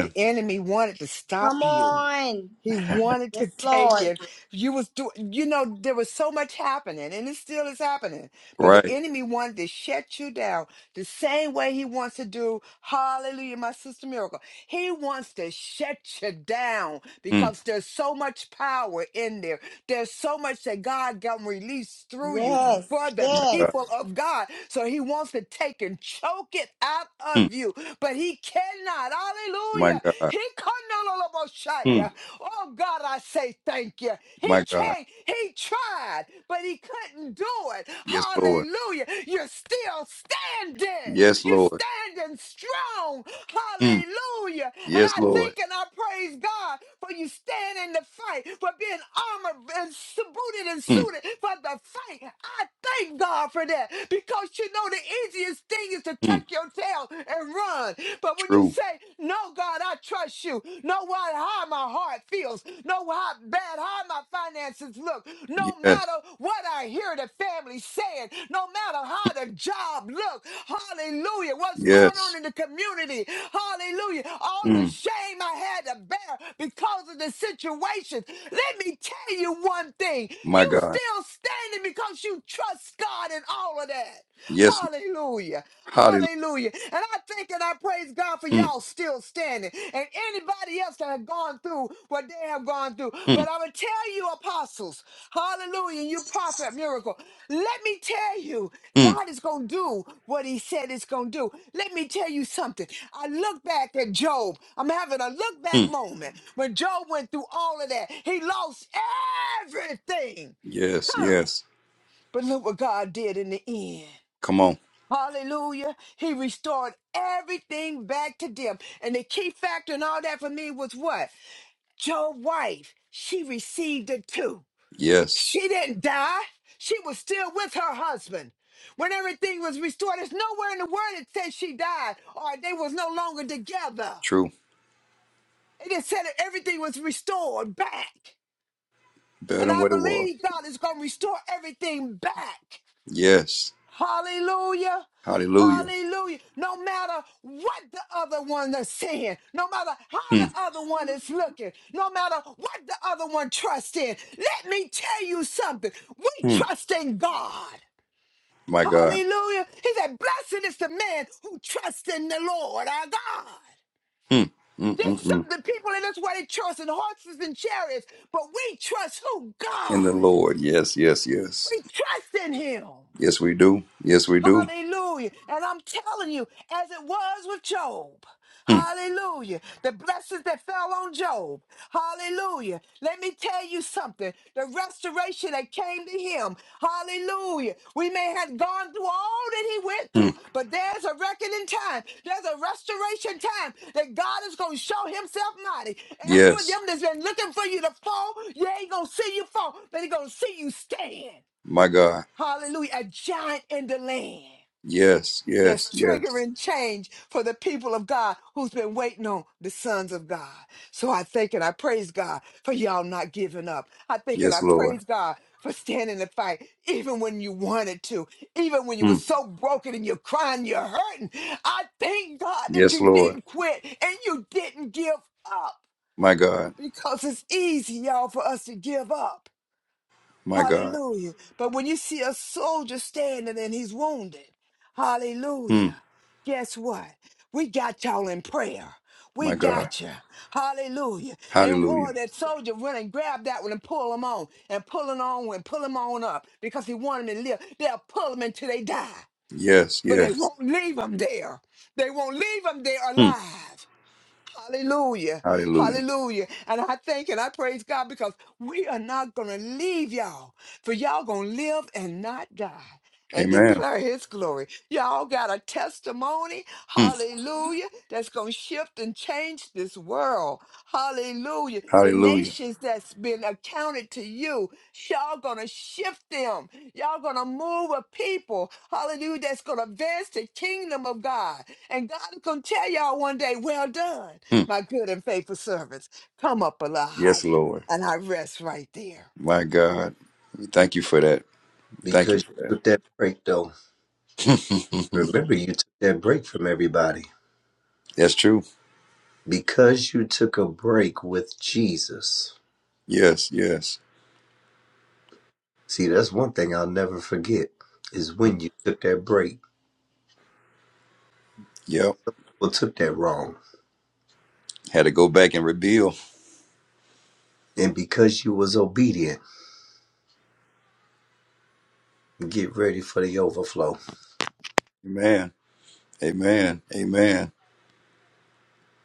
The enemy wanted to Come stop you on. He wanted to Yes, take Lord. it. You was do you know there was so much happening and it still is happening. But the Right. enemy wanted to shut you down the same way he wants to do hallelujah my sister miracle. He wants to shut you down Mm. because there's so much power in there. There's so much that God can release through you Yes, for the My yes. God. people of God. So he wants to take and choke it out Mm. of you, but he cannot. My Hallelujah. God. He cannot Mm. Oh God, I say thank you. He My God. can't, he tried, but he couldn't do it. Yes, Lord. Hallelujah. You're still standing. Yes, You're Lord. standing strong. Mm. Hallelujah. And Yes, I Lord. thank and I praise God for you standing the fight, for being armored and su- booted and Mm. suited for the fight. I thank God for that because you know the easiest thing is to tuck Mm. your tail and run. But when when you True. say, No, God, I trust you. No matter how my heart feels, no matter how bad, how my finances look, no Yes. matter what I hear the family saying, no matter how the job look, hallelujah, what's going Yes. on in the community, hallelujah, all the Mm. shame I had to bear because of the situation. Let me tell you one thing, My you God. still standing because you trust God in all of that. Yes. Lord. Hallelujah. Hallelujah. Hallelujah. And I thank and I praise God for Mm. y'all still standing and anybody else that have gone through what they have gone through. Mm. But I will tell you, apostles, hallelujah, you prophet miracle. Let me tell you, Mm. God is going to do what he said it's going to do. Let me tell you something. I look back at Job. I'm having a look back Mm. moment. When Job went through all of that, he lost everything. Yes. Huh. Yes. But look what God did in the end. Come on. Hallelujah. He restored everything back to them. And the key factor in all that for me was what? Joe's wife, she received it too. Yes. She didn't die. She was still with her husband. When everything was restored, There's nowhere in the word it says she died or they was no longer together. True. It just said that everything was restored back. Better And than I what it was. believe God is going to restore everything back. Yes. Hallelujah. Hallelujah. Hallelujah. No matter what the other one is saying, no matter how Mm. the other one is looking, no matter what the other one trusts in, let me tell you something. We Mm. trust in God. My God. Hallelujah. He said, Blessed is the man who trusts in the Lord our God. Mm, mm, mm, There's some mm. of the people in this world they trust in horses and chariots, but we trust who? In the God. Lord. Yes, yes, yes. We trust in Him. Yes, we do. Yes, we do. Hallelujah. And I'm telling you, as it was with Job, Mm, hallelujah, the blessings that fell on Job, hallelujah. Let me tell you something the restoration that came to him, hallelujah. We may have gone through all that he went through, mm. but there's a reckoning time, there's a restoration time that God is going to show himself mighty. And all of Yes. them that's been looking for you to fall, you ain't going to see you fall, but he's going to see you stand. My God. Hallelujah, a giant in the land Yes, that's yes, yes. triggering change for the people of God who's been waiting on the sons of God. So I thank and I praise God for y'all not giving up. I thank and Yes, I Lord. praise God for standing the fight, even when you wanted to, even when you were Mm. so broken and you're crying, you're hurting. I thank God that Yes, you Lord. didn't quit and you didn't give up My God. because it's easy, y'all, for us to give up. My God. Hallelujah. But when you see a soldier standing and he's wounded, Mm. hallelujah. Guess what? We got y'all in prayer. We My God. got you. Hallelujah. And war, Hallelujah. that soldier run and grab that one and pull him on and pull him on and pull him on up because he wanted him to live. They'll pull him until they die, Yes, but they yes. won't leave him there. They won't leave him there Mm. alive. Hallelujah. Hallelujah. Hallelujah. And I thank and I praise God because we are not going to leave y'all, for y'all going to live and not die. And Amen. declare his glory. Y'all got a testimony, Mm. hallelujah, that's going to shift and change this world. Hallelujah. The Hallelujah. nations that's been accounted to you, y'all going to shift them. Y'all going to move a people, hallelujah, that's going to advance the kingdom of God. And God is going to tell y'all one day, well done Mm. my good and faithful servants. Come up a little Yes, higher. Lord. And I rest right there. My God. Thank you for that. Thank you Because for you that. took that break, though. Remember, you took that break from everybody. That's true. Because you took a break with Jesus. Yes, yes. See, that's one thing I'll never forget is when you took that break. Yep. Well, took that wrong. Had to go back and rebuild. And because you was obedient, get ready for the overflow. Amen. Amen. Amen.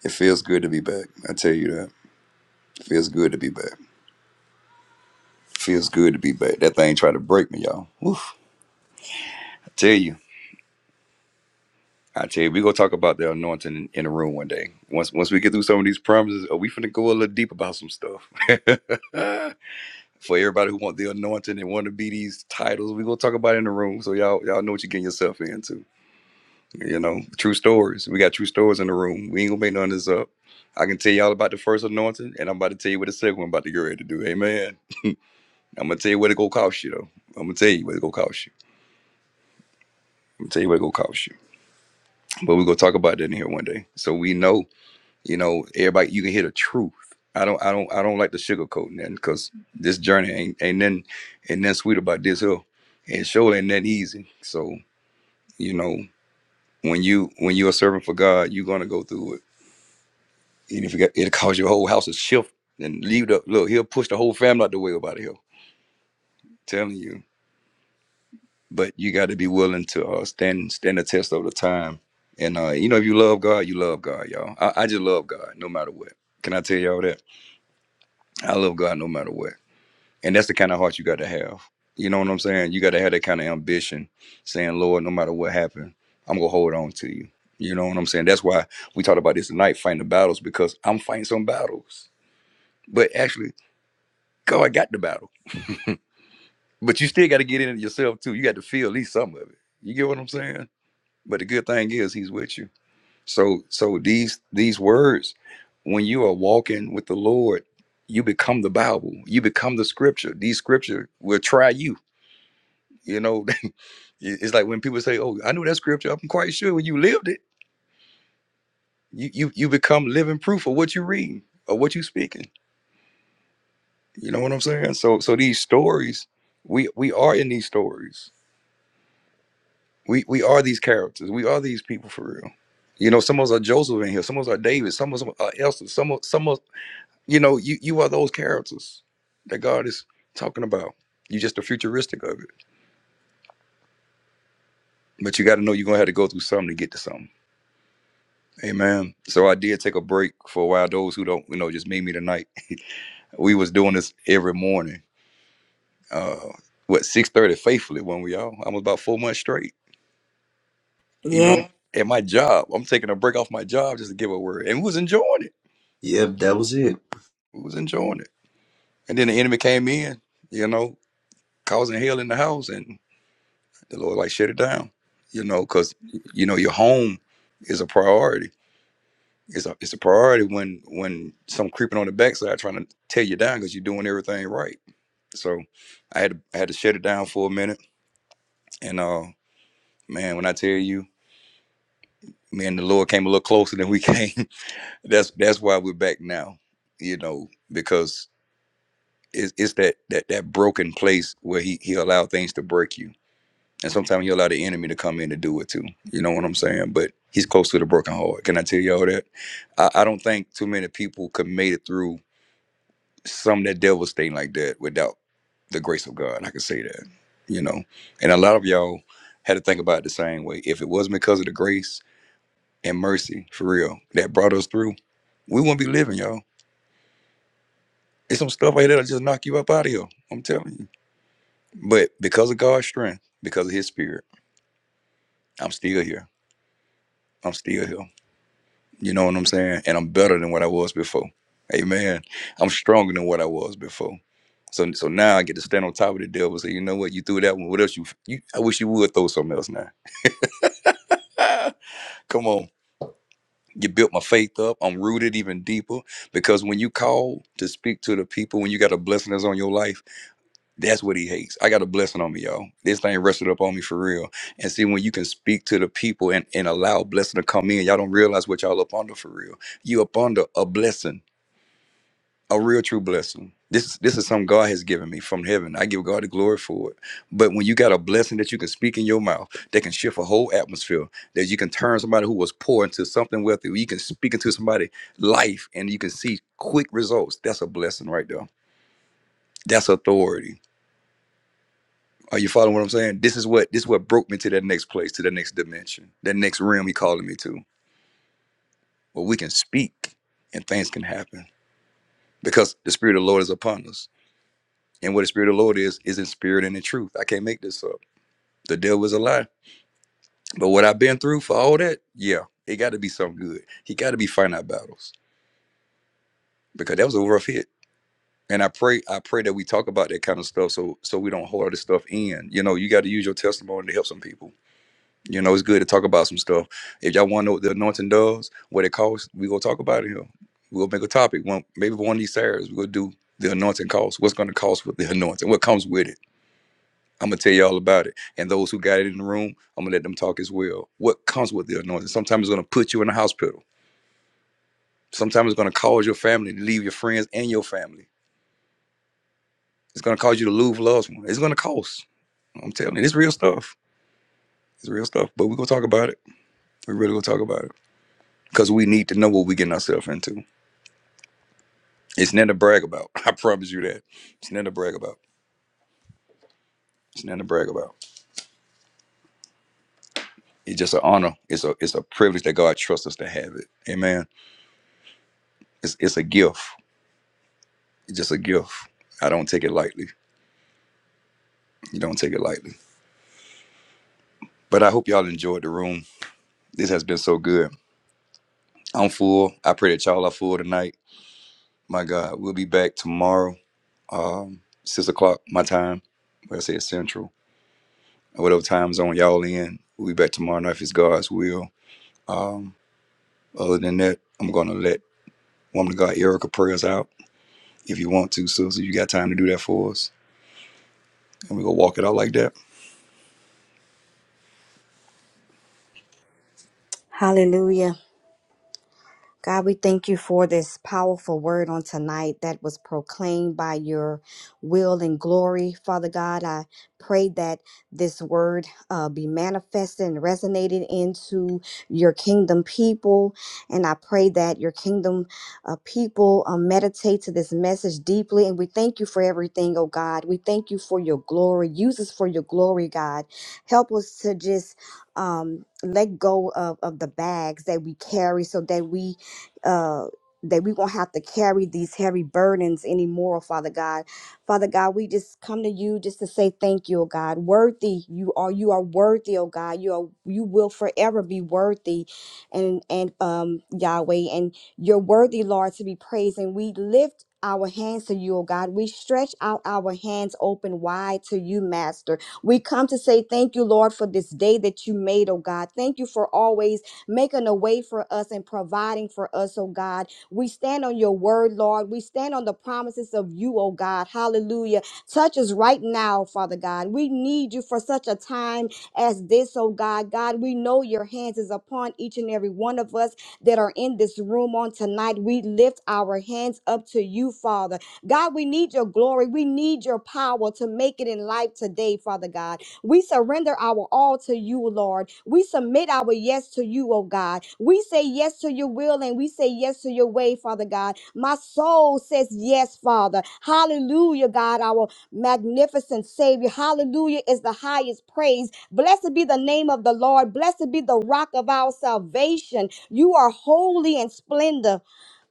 It feels good to be back. I tell you that. It feels good to be back. Feels good to be back. That thing tried to break me, y'all. Oof. I tell you. I tell you, we gonna talk about the anointing in, in the room one day. Once once we get through some of these promises, are we finna go a little deep about some stuff? For everybody who want the anointing and want to be these titles, we gonna talk about it in the room. So y'all y'all know what you're getting yourself into. You know, true stories. We got true stories in the room. We ain't gonna make none of this up. I can tell y'all about the first anointing, and I'm about to tell you what the second one about to get ready to do. Amen. I'm gonna tell you what it gonna cost you though. I'm gonna tell you what it gonna cost you. I'm gonna tell you what it gonna cost you. But we're gonna talk about that in here one day. So we know, you know, everybody you can hear the truth. I don't I don't I don't like the sugarcoat nothing because this journey ain't ain't nothing ain't nothing sweet about this hill. And sure ain't that easy. So, you know, when you when you're a servant for God, you're gonna go through it And if you got, it'll cause your whole house to shift and leave the look. He'll push the whole family out the way about here. Telling you, but you got to be willing to uh, stand stand the test of the time. And uh, you know, if you love God, you love God, y'all. I, I just love God no matter what. Can I tell y'all that? I love God no matter what. And that's the kind of heart you got to have. You know what I'm saying? You got to have that kind of ambition, saying, Lord, no matter what happened, I'm gonna hold on to you. You know what I'm saying? That's why we talked about this tonight, fighting the battles, because I'm fighting some battles. But actually, God got the battle. But you still got to get in it yourself too. You got to feel at least some of it. You get what I'm saying? But the good thing is he's with you. So so these these words, when you are walking with the Lord, you become the Bible. You become the scripture. These scripture will try you. You know, it's like when people say, Oh, I know that scripture. I'm quite sure when you lived it, you you you become living proof of what you read or what you speaking. You know what I'm saying? So so these stories, we we are in these stories We we are these characters. We are these people for real. You know, some of us are Joseph in here. Some of us are David. Some of us are Elsa. Some of some of you know you you are those characters that God is talking about. You just the futuristic of it, but you got to know you're gonna have to go through something to get to something. Amen. So I did take a break for a while. Those who don't, you know, just meet me tonight. We was doing this every morning. Uh, what six thirty faithfully when we all I was about four months straight. Even on, Yeah. at my job, I'm taking a break off my job just to give a word, and we was enjoying it. Yep, that was it. We was enjoying it. And then the enemy came in, you know, causing hell in the house, and the Lord like shut it down, you know, because you know your home is a priority. It's a it's a priority when when some creeping on the backside trying to tear you down because you're doing everything right. So I had to I had to shut it down for a minute, and uh, man, when I tell you, me and the Lord came a little closer than we came. that's that's why we're back now, you know, because it's it's that that that broken place where he he allowed things to break you And sometimes he allow the enemy to come in to do it too. You know what I'm saying? But he's close to the broken heart. Can I tell y'all that? I, I don't think too many people could made it through some that devastating like that without the grace of God. I can say that. You know. And a lot of y'all had to think about it the same way. If it wasn't because of the grace and mercy, for real, that brought us through, we wouldn't be living, y'all. It's some stuff like that'll just knock you up out of here. I'm telling you. But because of God's strength, because of his spirit, I'm still here. I'm still here. You know what I'm saying? And I'm better than what I was before. Amen. I'm stronger than what I was before. So so now I get to stand on top of the devil and say, you know what, you threw that one. What else you, you I wish you would throw something else now. Ah, Come on. You built my faith up. I'm rooted even deeper. Because when you call to speak to the people, when you got a blessing that's on your life, that's what he hates. I got a blessing on me, y'all. This thing rested up on me for real. And see, when you can speak to the people and, and allow a blessing to come in, y'all don't realize what y'all up under for real. You up under a blessing a real true blessing. This this is something God has given me from heaven. I give God the glory for it. But when you got a blessing that you can speak in your mouth, that can shift a whole atmosphere, that you can turn somebody who was poor into something wealthy, you can speak into somebody's life and you can see quick results. That's a blessing right there. That's authority. Are you following what I'm saying? This is what this is what broke me to that next place, to that next dimension, that next realm he calling me to. Where we can speak and things can happen. Because the Spirit of the Lord is upon us And what the Spirit of the Lord is, is in spirit and in truth. I can't make this up. The devil is a lie. But what I've been through for all that, yeah, it got to be something good. He got to be fighting our battles because that was a rough hit. And I pray, I pray that we talk about that kind of stuff so so we don't hold this stuff in. You know, you got to use your testimony to help some people. You know, it's good to talk about some stuff. If y'all want to know what the anointing does, what it costs, we gonna talk about it here. We'll make a topic. One maybe one of these Saturdays we'll do the anointing costs. What's gonna cost with the anointing? What comes with it? I'm gonna tell you all about it. And those who got it in the room, I'm gonna let them talk as well. What comes with the anointing? Sometimes it's gonna put you in the hospital. Sometimes it's gonna cause your family to leave your friends and your family. It's gonna cause you to lose loved ones. It's gonna cost. I'm telling you, it's real stuff. It's real stuff. But we're gonna talk about it. We really gonna talk about it. Because we need to know what we're getting ourselves into. It's nothing to brag about. I promise you that. It's nothing to brag about. It's nothing to brag about. It's just an honor. It's a it's a privilege that God trusts us to have it. Amen. It's it's a gift. It's just a gift. I don't take it lightly. You don't take it lightly. But I hope y'all enjoyed the room. This has been so good. I'm full. I pray that y'all are full tonight. My God, we'll be back tomorrow, um, six o'clock my time. What I say is central. Whatever time zone y'all in, we'll be back tomorrow night if it's God's will. Um, other than that, I'm gonna let woman of God Erica pray us out. If you want to, Susie, you got time to do that for us. And we go walk it out like that. Yes. God, we thank you for this powerful word on tonight that was proclaimed by your will and glory. Father God, I pray that this word uh, be manifested and resonated into your kingdom people. And I pray that your kingdom uh, people uh, meditate to this message deeply. And we thank you for everything, oh God. We thank you for your glory. Use us for your glory, God. Help us to just um, let go of, of the bags that we carry so that we uh that we won't have to carry these heavy burdens anymore, Father God. Father God, we just come to you just to say thank you, oh God. Worthy you are. You are worthy, oh God. You are. You will forever be worthy, and and um Yahweh, and you're worthy, Lord, to be praised. And we lift our hands to you, oh God. We stretch out our hands open wide to you, Master. We come to say thank you, Lord, for this day that you made, oh God. Thank you for always making a way for us and providing for us, oh God. We stand on your word, Lord. We stand on the promises of you, oh God. Hallelujah. Touch us right now, Father God. We need you for such a time as this, oh God. God, we know your hands is upon each and every one of us that are in this room on tonight. We lift our hands up to you, Father. God, we need your glory. We need your power to make it in life today, Father God. We surrender our all to you, Lord. We submit our yes to you, oh God. We say yes to your will and we say yes to your way, Father God. My soul says yes, Father. Hallelujah, God, our magnificent Savior. Hallelujah is the highest praise. Blessed be the name of the Lord. Blessed be the rock of our salvation. You are holy and splendor.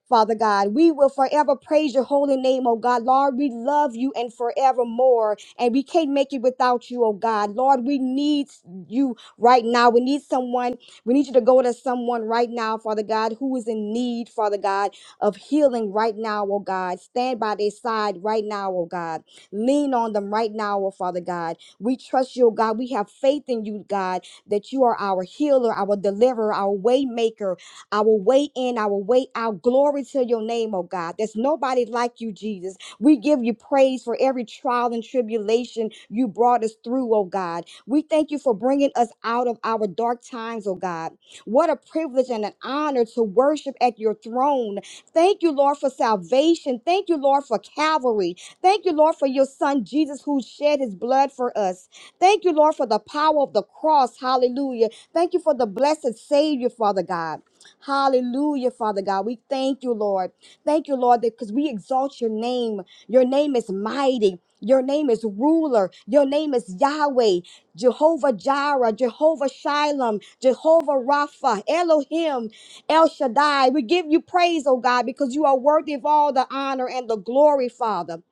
Father God. We will forever praise your holy name, oh God. Lord, we love you and forevermore, and we can't make it without you, oh God. Lord, we need you right now. We need someone. We need you to go to someone right now, Father God, who is in need, Father God, of healing right now, oh God. Stand by their side right now, oh God. Lean on them right now, oh Father God. We trust you, oh God. We have faith in you, God, that you are our healer, our deliverer, our waymaker our way in, our way out. Glory to your name, oh God. There's nobody like you, Jesus. We give you praise for every trial and tribulation you brought us through, oh God. We thank you for bringing us out of our dark times, oh God. What a privilege and an honor to worship at your throne. Thank you, Lord, for salvation. Thank you, Lord, for Calvary. Thank you, Lord, for your son Jesus who shed his blood for us. Thank you, Lord, for the power of the cross. Hallelujah. Thank you for the blessed Savior, Father God. Hallelujah, Father God. We thank you, Lord. Thank you, Lord, that because we exalt your name. Your name is mighty. Your name is ruler. Your name is Yahweh, Jehovah Jireh, Jehovah Shilom, Jehovah Rapha, Elohim, El Shaddai. We give you praise, oh God, because you are worthy of all the honor and the glory, Father.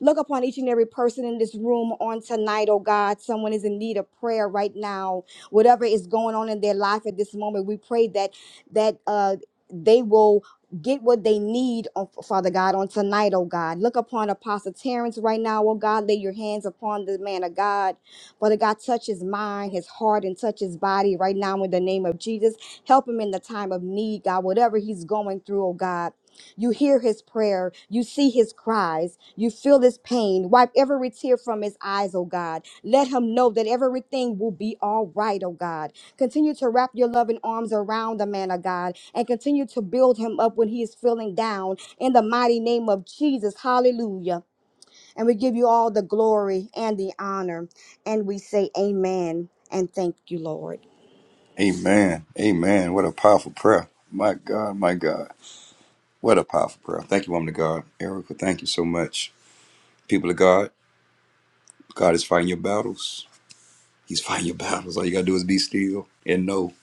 Look upon each and every person in this room on tonight, oh God. Someone is in need of prayer right now. Whatever is going on in their life at this moment, we pray that that uh, they will get what they need, oh, Father God, on tonight, oh God. Look upon Apostle Terrence right now, oh God. Lay your hands upon the man of God. Father God, touch his mind, his heart, and touch his body right now in the name of Jesus. Help him in the time of need, God, whatever he's going through, oh God. You hear his prayer. You see his cries. You feel his pain. Wipe every tear from his eyes, oh God. Let him know that everything will be all right, oh God. Continue to wrap your loving arms around the man of God and continue to build him up when he is feeling down in the mighty name of Jesus. Hallelujah. And we give you all the glory and the honor. And we say, Amen. And thank you, Lord. Amen. Amen. What a powerful prayer. My God, my God. What a powerful prayer. Thank you, woman of God. Erica, thank you so much. People of God, God is fighting your battles. He's fighting your battles. All you got to do is be still and know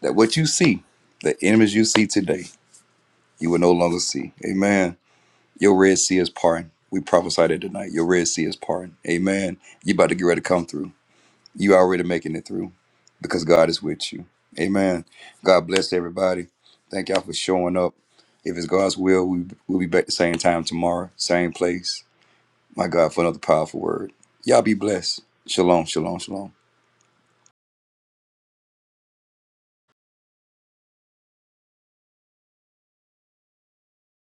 that what you see, the enemies you see today, you will no longer see. Amen. Your Red Sea is parting. We prophesied it tonight. Your Red Sea is parting. Amen. You about to get ready to come through. You already making it through because God is with you. Amen. God bless everybody. Thank y'all for showing up. If it's God's will, we, we'll be back the same time tomorrow, same place. My God, for another powerful word. Y'all be blessed. Shalom, shalom, shalom.